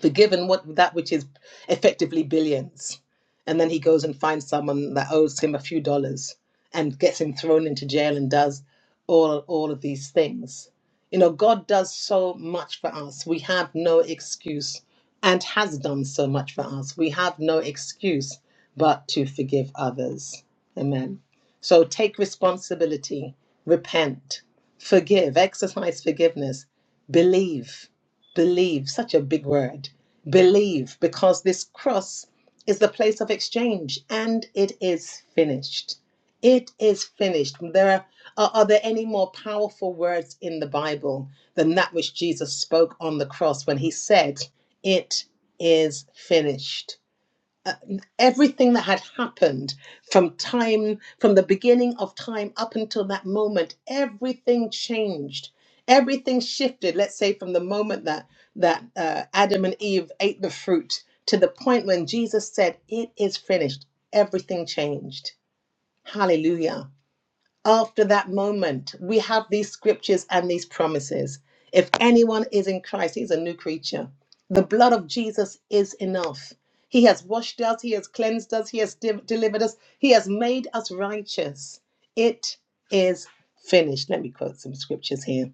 Speaker 2: forgiven what that which is effectively billions and then he goes and finds someone that owes him a few dollars and gets him thrown into jail and does all all of these things you know god does so much for us we have no excuse and has done so much for us we have no excuse but to forgive others amen so take responsibility repent forgive exercise forgiveness believe Believe, such a big word. Believe, because this cross is the place of exchange and it is finished. It is finished. There are, are, are there any more powerful words in the Bible than that which Jesus spoke on the cross when he said, It is finished? uh, everything that had happened from time from the beginning of time up until that moment everything changed everything shifted let's say from the moment that that uh, adam and eve ate the fruit to the point when jesus said it is finished everything changed hallelujah after that moment, we have these scriptures and these promises. If anyone is in Christ, he's a new creature. The blood of Jesus is enough. He has washed us, He has cleansed us, He has de- delivered us, He has made us righteous. It is finished. Let me quote some scriptures here.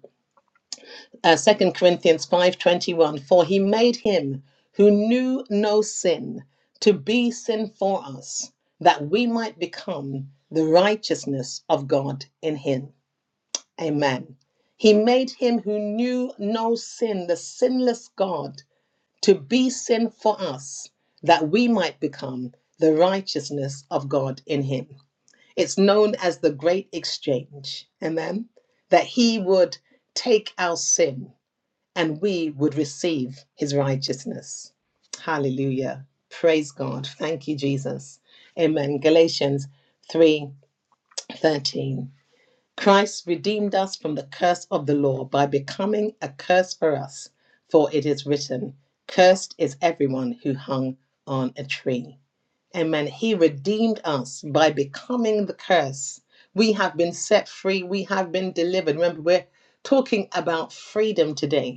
Speaker 2: Uh, 2 Corinthians 5:21 For he made him who knew no sin to be sin for us, that we might become the righteousness of God in him. Amen. He made him who knew no sin, the sinless God, to be sin for us, that we might become the righteousness of God in him. It's known as the great exchange. Amen. That he would take our sin and we would receive his righteousness. Hallelujah. Praise God. Thank you, Jesus. Amen. Galatians three thirteen. Christ redeemed us from the curse of the law by becoming a curse for us, for it is written, Cursed is everyone who hung on a tree. Amen. He redeemed us by becoming the curse. We have been set free, we have been delivered. Remember, we're talking about freedom today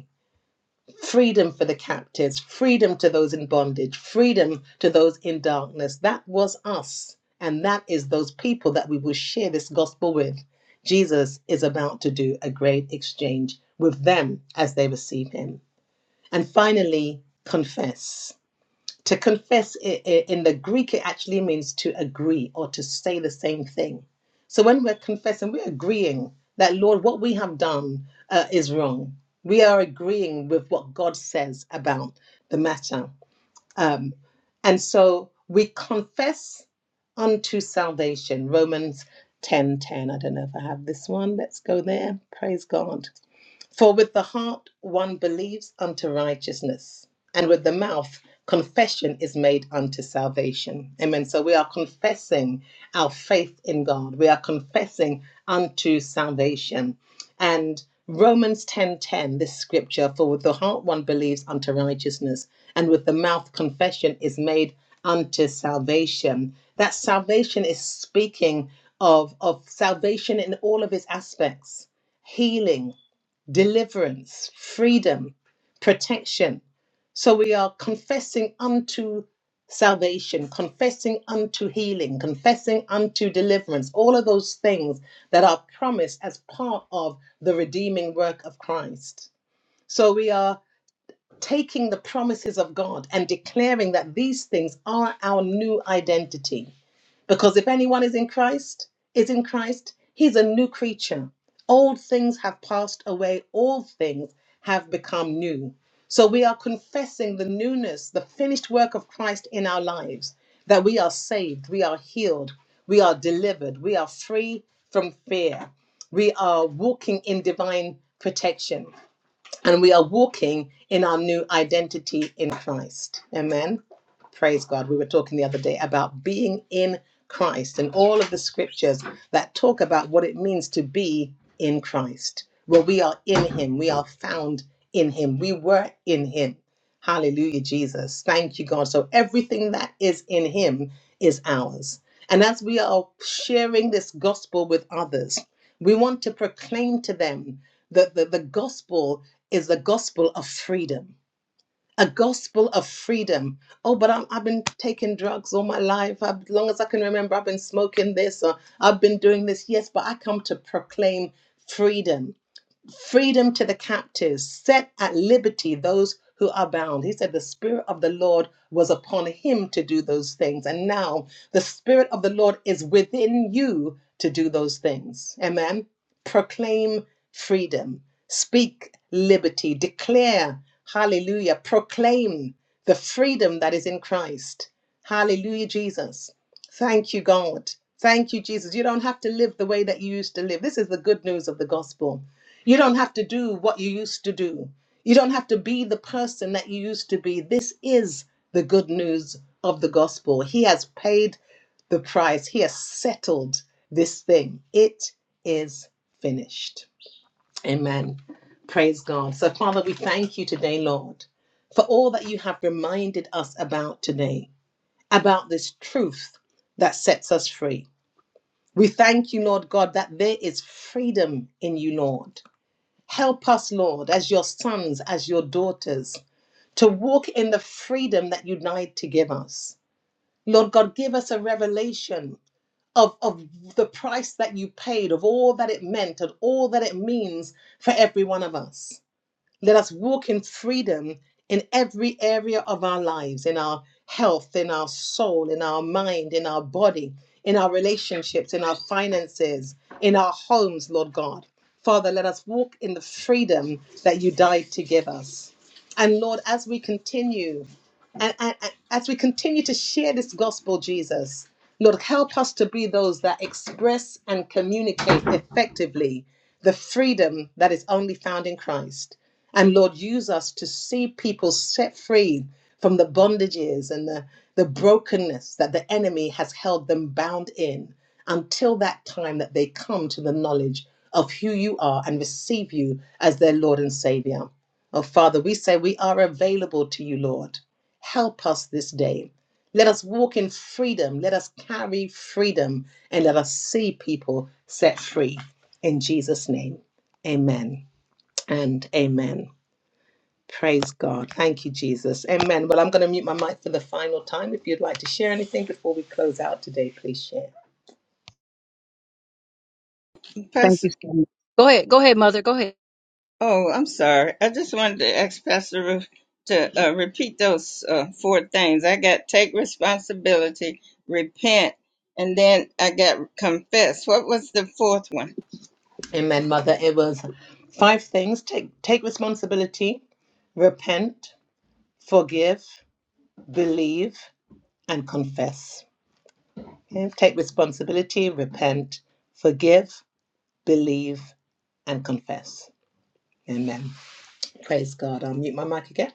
Speaker 2: freedom for the captives, freedom to those in bondage, freedom to those in darkness. That was us. And that is those people that we will share this gospel with. Jesus is about to do a great exchange with them as they receive him. And finally, confess. To confess i- i- in the Greek, it actually means to agree or to say the same thing. So when we're confessing, we're agreeing that, Lord, what we have done uh, is wrong. We are agreeing with what God says about the matter. Um, and so we confess unto salvation. Romans ten ten. I don't know if I have this one. Let's go there. Praise God. For with the heart one believes unto righteousness, and with the mouth confession is made unto salvation. Amen. So we are confessing our faith in God. We are confessing unto salvation. And Romans 10:10, this scripture, for with the heart one believes unto righteousness, and with the mouth confession is made unto salvation. That salvation is speaking of, of salvation in all of its aspects healing deliverance, freedom, protection. So we are confessing unto salvation, confessing unto healing, confessing unto deliverance, all of those things that are promised as part of the redeeming work of Christ. So we are taking the promises of God and declaring that these things are our new identity. Because if anyone is in Christ, is in Christ, he's a new creature. Old things have passed away, all things have become new. So we are confessing the newness, the finished work of Christ in our lives, that we are saved, we are healed, we are delivered, we are free from fear. We are walking in divine protection and we are walking in our new identity in Christ. Amen. Praise God. We were talking the other day about being in Christ and all of the scriptures that talk about what it means to be in Christ, where we are in Him, we are found in Him, we were in Him. Hallelujah, Jesus. Thank you, God. So everything that is in Him is ours. And as we are sharing this gospel with others, we want to proclaim to them that the, the gospel is the gospel of freedom. A gospel of freedom. Oh, but I'm, I've been taking drugs all my life. I've- As long as I can remember, I've been smoking this or I've been doing this. Yes, but I come to proclaim freedom freedom to the captives, set at liberty those who are bound. He said the Spirit of the Lord was upon him to do those things. And now the Spirit of the Lord is within you to do those things. Amen. Proclaim freedom, speak liberty, declare, hallelujah, proclaim the freedom that is in Christ. Hallelujah, Jesus. Thank you, God. Thank you, Jesus. You don't have to live the way that you used to live. This is the good news of the gospel you don't have to do what you used to do. You don't have to be the person that you used to be. This is the good news of the gospel. He has paid the price, He has settled this thing. It is finished. Amen. Praise God. So, Father, we thank you today, Lord, for all that you have reminded us about today, about this truth that sets us free. We thank you, Lord God, that there is freedom in you, Lord. Help us, Lord, as your sons, as your daughters, to walk in the freedom that you died to give us. Lord God, give us a revelation of, of the price that you paid, of all that it meant, and all that it means for every one of us. Let us walk in freedom in every area of our lives, in our health, in our soul, in our mind, in our body, in our relationships, in our finances, in our homes, Lord God. Father, let us walk in the freedom that you died to give us. And Lord, as we continue, and, and- and as we continue to share this gospel, Jesus, Lord, help us to be those that express and communicate effectively the freedom that is only found in Christ. And Lord, use us to see people set free from the bondages and the, the brokenness that the enemy has held them bound in until that time that they come to the knowledge of who you are and receive you as their Lord and Savior. Oh, Father, we say we are available to you, Lord. Help us this day. Let us walk in freedom. Let us carry freedom and let us see people set free. In Jesus' name, amen and amen. Praise God. Thank you, Jesus. Amen. Well, I'm going to mute my mic for the final time. If you'd like to share anything before we close out today, please share.
Speaker 9: Thank
Speaker 1: Pastor,
Speaker 9: you so much. Go ahead. Go ahead, Mother. Go ahead.
Speaker 1: oh, I'm sorry. I just wanted to ask Pastor Ruth to uh, repeat those uh, four things. I got take responsibility, repent, and then I got confess. What was the fourth one?
Speaker 2: Amen, Mother. It was five things: take take responsibility, repent, forgive, believe, and confess. Okay? Take responsibility, repent, forgive, believe, and confess. Amen. Praise God. I'll mute my mic again.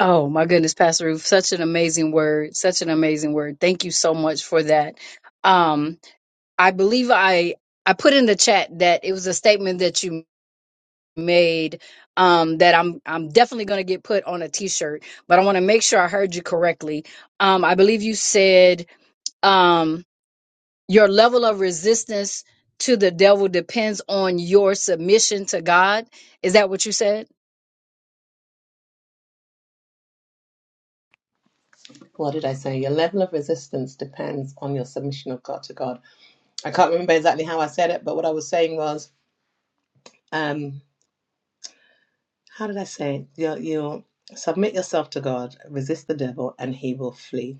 Speaker 9: Oh, my goodness, Pastor Ruth. Such an amazing word. Such an amazing word. Thank you so much for that. Um, I believe I I put in the chat that it was a statement that you made um that I'm I'm definitely going to get put on a t-shirt, but I want to make sure I heard you correctly. Um I believe you said um your level of resistance to the devil depends on your submission to God. Is that what you said?
Speaker 2: What did I say? Your level of resistance depends on your submission of God to God. I can't remember exactly how I said it, but what I was saying was, um, how did I say it? you you submit yourself to God, resist the devil, and he will flee.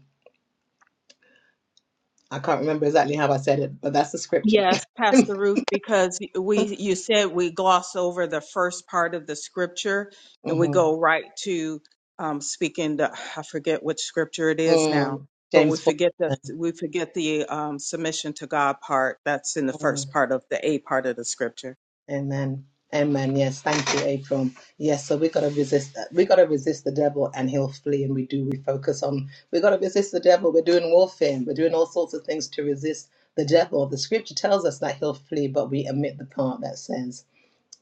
Speaker 2: I can't remember exactly how I said it, but that's the scripture.
Speaker 6: Yes, Pastor Ruth, because we you said we gloss over the first part of the scripture and we
Speaker 2: hmm
Speaker 6: go right to um, speaking the I forget which scripture it is now,
Speaker 2: mm.
Speaker 6: but we
Speaker 2: James 4.
Speaker 6: forget that we forget the um, submission to God part that's in the
Speaker 2: mm.
Speaker 6: first part of the A part of the scripture.
Speaker 2: Amen. Amen. Yes. Thank you, April. Yes. So we gotta resist. We gotta resist the devil, and he'll flee. And we do. We focus on. We gotta resist the devil. We're doing warfare. We're doing all sorts of things to resist the devil. The scripture tells us that he'll flee, but we omit the part that says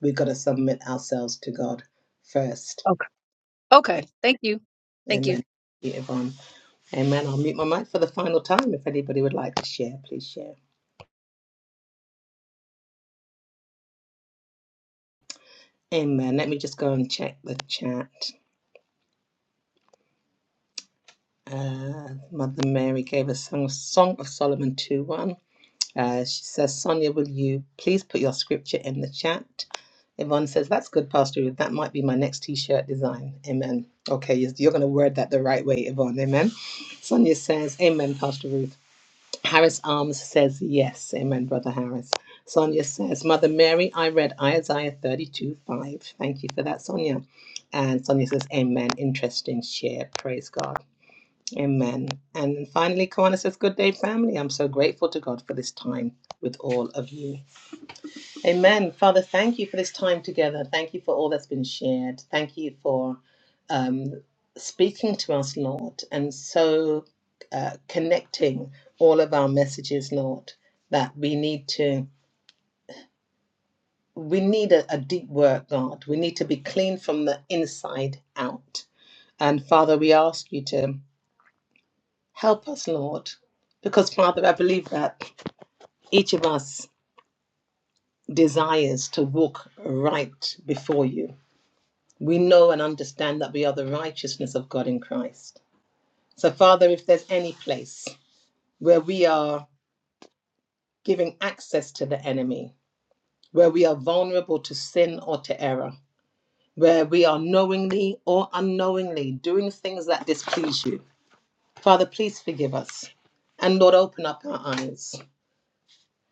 Speaker 2: we gotta submit ourselves to God first.
Speaker 9: Okay. Thank you. Thank you.
Speaker 2: Amen. Thank you, Yvonne. Amen. I'll mute my mic for the final time. If anybody would like to share, please share. Amen. Let me just go and check the chat. Uh, Mother Mary gave us Song, Song of Solomon 2 1. Uh, she says, Sonia, will you please put your scripture in the chat? Yvonne says, That's good, Pastor Ruth. That might be my next t shirt design. Amen. Okay, yes, you're going to word that the right way, Yvonne. Amen. Sonia says, Amen, Pastor Ruth. Harris Arms says, Yes. Amen, Brother Harris. Sonia says, Mother Mary, I read Isaiah 32 5. Thank you for that, Sonia. And Sonia says, Amen. Interesting share. Praise God. Amen. And finally, Kawana says, Good day, family. I'm so grateful to God for this time with all of you. Amen. Father, thank you for this time together. Thank you for all that's been shared. Thank you for um, speaking to us, Lord, and so uh, connecting all of our messages, Lord, that we need to. We need a, a deep work, God. We need to be clean from the inside out. And Father, we ask you to Help us, Lord, because Father, I believe that each of us desires to walk right before you. We know and understand that we are the righteousness of God in Christ. So, Father, if there's any place where we are giving access to the enemy, where we are vulnerable to sin or to error, where we are knowingly or unknowingly doing things that displease you, Father, please forgive us. And Lord, open up our eyes.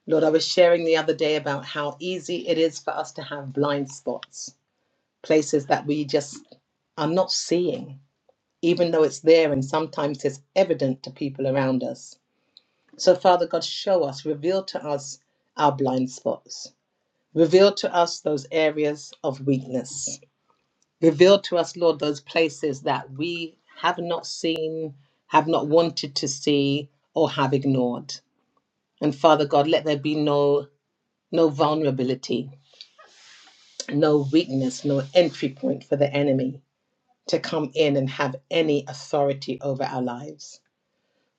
Speaker 2: Lord, I was sharing the other day about how easy it is for us to have blind spots, places that we just are not seeing, even though it's there and sometimes it's evident to people around us. So, Father God, show us, reveal to us our blind spots, reveal to us those areas of weakness, reveal to us, Lord, those places that we have not seen, have not wanted to see, or have ignored. And Father God, let there be no no vulnerability no weakness nor entry point for the enemy to come in and have any authority over our lives.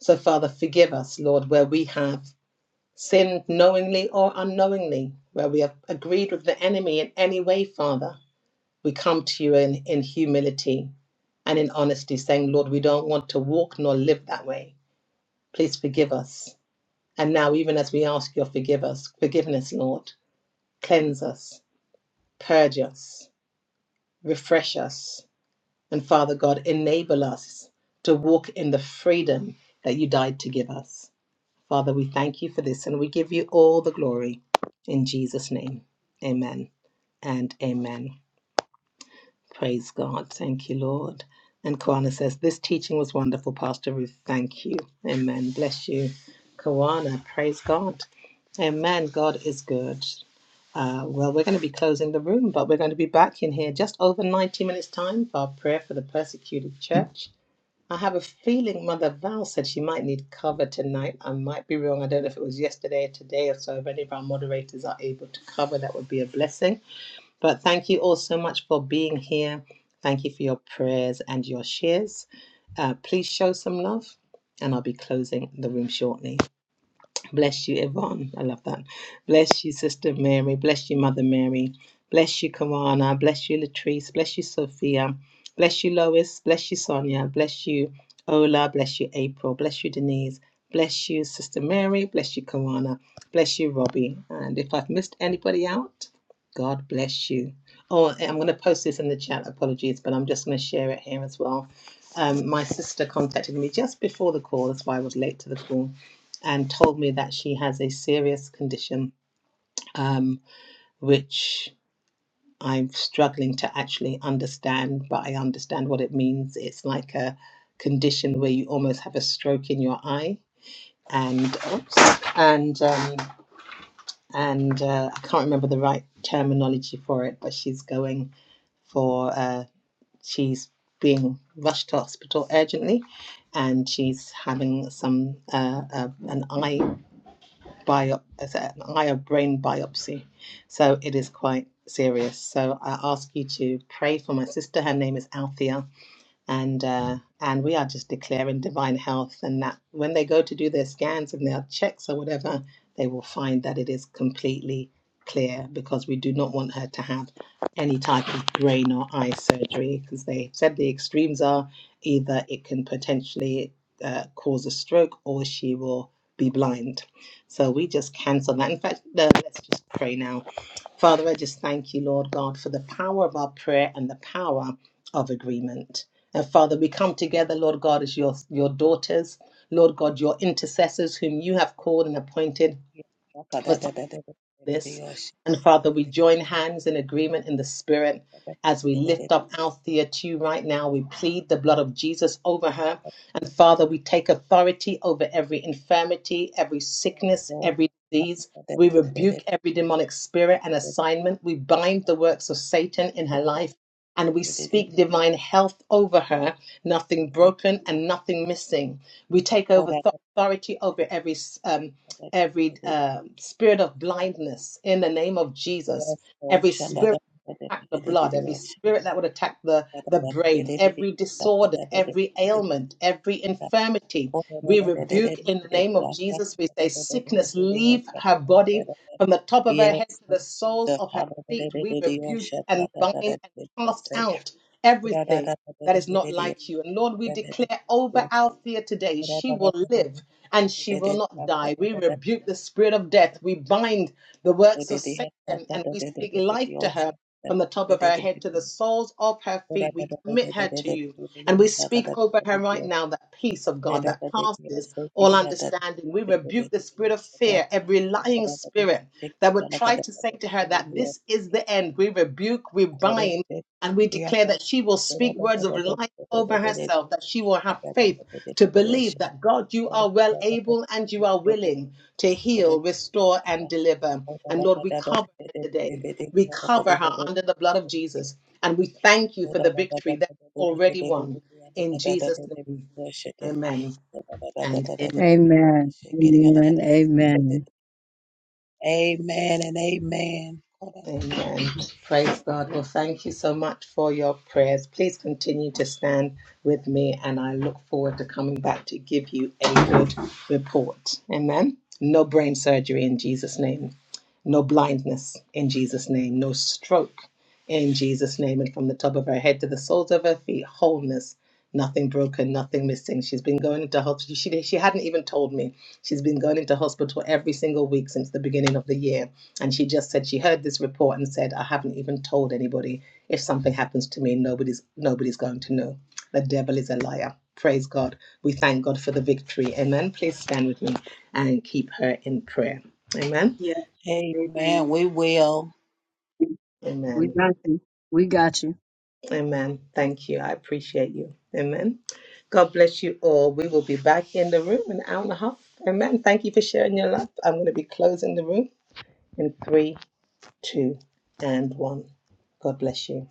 Speaker 2: So, Father, forgive us, Lord, where we have sinned knowingly or unknowingly, where we have agreed with the enemy in any way, Father. We come to you in, in humility and in honesty, saying, Lord, we don't want to walk nor live that way. Please forgive us. And now, even as we ask your forgive us, forgiveness, Lord, cleanse us, purge us, refresh us, And Father God, enable us to walk in the freedom that you died to give us. Father, we thank you for this and we give you all the glory in Jesus' name. Amen and amen. Praise God. Thank you, Lord. And Koana says, This teaching was wonderful, Pastor Ruth. Thank you. Amen. Bless you, Koana. Praise God. Amen. God is good. Uh, well, we're going to be closing the room, but we're going to be back in here just over 90 minutes' time for our prayer for the persecuted church. I have a feeling Mother Val said she might need cover tonight. I might be wrong. I don't know if it was yesterday or today or so. If any of our moderators are able to cover, that would be a blessing. But thank you all so much for being here. Thank you for your prayers and your shares. Uh, please show some love, and I'll be closing the room shortly. Bless you, Yvonne. I love that. Bless you, Sister Mary. Bless you, Mother Mary. Bless you, Kawana. Bless you, Latrice. Bless you, Sophia. Bless you, Lois. Bless you, Sonia. Bless you, Ola. Bless you, April. Bless you, Denise. Bless you, Sister Mary. Bless you, Kawana. Bless you, Robbie. And if I've missed anybody out, God bless you. Oh, I'm going to post this in the chat. Apologies, but I'm just going to share it here as well. Um, my sister contacted me just before the call. That's why I was late to the call and told me that she has a serious condition, um, which I'm struggling to actually understand, but I understand what it means. It's like a condition where you almost have a stroke in your eye, and oops, and um, and uh, I can't remember the right terminology for it, but she's going for uh, she's being rushed to hospital urgently, and she's having some uh, uh, an eye biop- is it an eye or brain biopsy. So it is quite serious. So I ask you to pray for my sister. Her name is Althea and uh, and we are just declaring divine health, and that when they go to do their scans and their checks or whatever, they will find that it is completely clear because we do not want her to have any type of brain or eye surgery because they said the extremes are either it can potentially uh, cause a stroke or she will be blind. So we just cancel that. In fact, no, let's just pray now. Father, I just thank you, Lord God, for the power of our prayer and the power of agreement. And Father, we come together, Lord God, as your, your daughters, Lord God, your intercessors, whom you have called and appointed for this. And Father, we join hands in agreement in the Spirit as we lift up Althea to you right now. We plead the blood of Jesus over her. And Father, we take authority over every infirmity, every sickness, every disease. We rebuke every demonic spirit and assignment. We bind the works of Satan in her life. And we speak divine health over her, nothing broken and nothing missing. We take over th- authority over every um, every um, spirit of blindness in the name of Jesus, every spirit attack the blood, every spirit that would attack the, the brain, every disorder, every ailment, every infirmity.
Speaker 10: Yes,
Speaker 2: We rebuke in the name of Jesus. We say, sickness, leave her body from the top of her head to the
Speaker 10: Lord
Speaker 2: soles
Speaker 10: Jesus.
Speaker 2: of her feet. We
Speaker 10: Hallelujah.
Speaker 2: rebuke and bind and cast out everything that is not like you. And Lord, we declare over Althea today, she will live and she will not die. We rebuke the spirit of death. We bind the works of Satan and we speak life to her from the top of her head to the soles of her feet. We commit her to you. And we speak over her right now that peace of God that passes all understanding. We rebuke the spirit of fear, every lying spirit that would try to say to her that this is the end. We rebuke, we bind. And we declare that she will speak words of life over herself, that she will have faith to believe that God, you are well able and you are willing to heal, restore, and deliver. And Lord, we cover her today. We cover her under the blood of Jesus. And we thank you for the victory that already won. In Jesus' name, amen and amen.
Speaker 9: Amen. Amen. Amen.
Speaker 10: Amen and amen.
Speaker 2: Amen. Praise God. Well, thank you so much for your prayers. Please continue to stand with me, and I look forward to coming back to give you a good report. Amen. No brain surgery in Jesus' name no blindness in Jesus' name, no stroke in Jesus' name. And from the top of her head to the soles of her feet, wholeness, nothing broken, nothing missing. She's been going into hospital. She, she hadn't even told me. She's been going into hospital every single week since the beginning of the year. And she just said she heard this report and said, I haven't even told anybody. If something happens to me, nobody's nobody's going to know. The devil is a liar. Praise God. We thank God for the victory. Amen. Please stand with me and keep her in prayer. Amen.
Speaker 6: Yes, amen.
Speaker 10: Amen. We will.
Speaker 9: We
Speaker 2: Amen.
Speaker 9: got you. We got you.
Speaker 2: Amen. Thank you. I appreciate you. Amen. God bless you all. We will be back in the room in an hour and a half. Amen. Thank you for sharing your love. I'm going to be closing the room in three, two, and one. God bless you.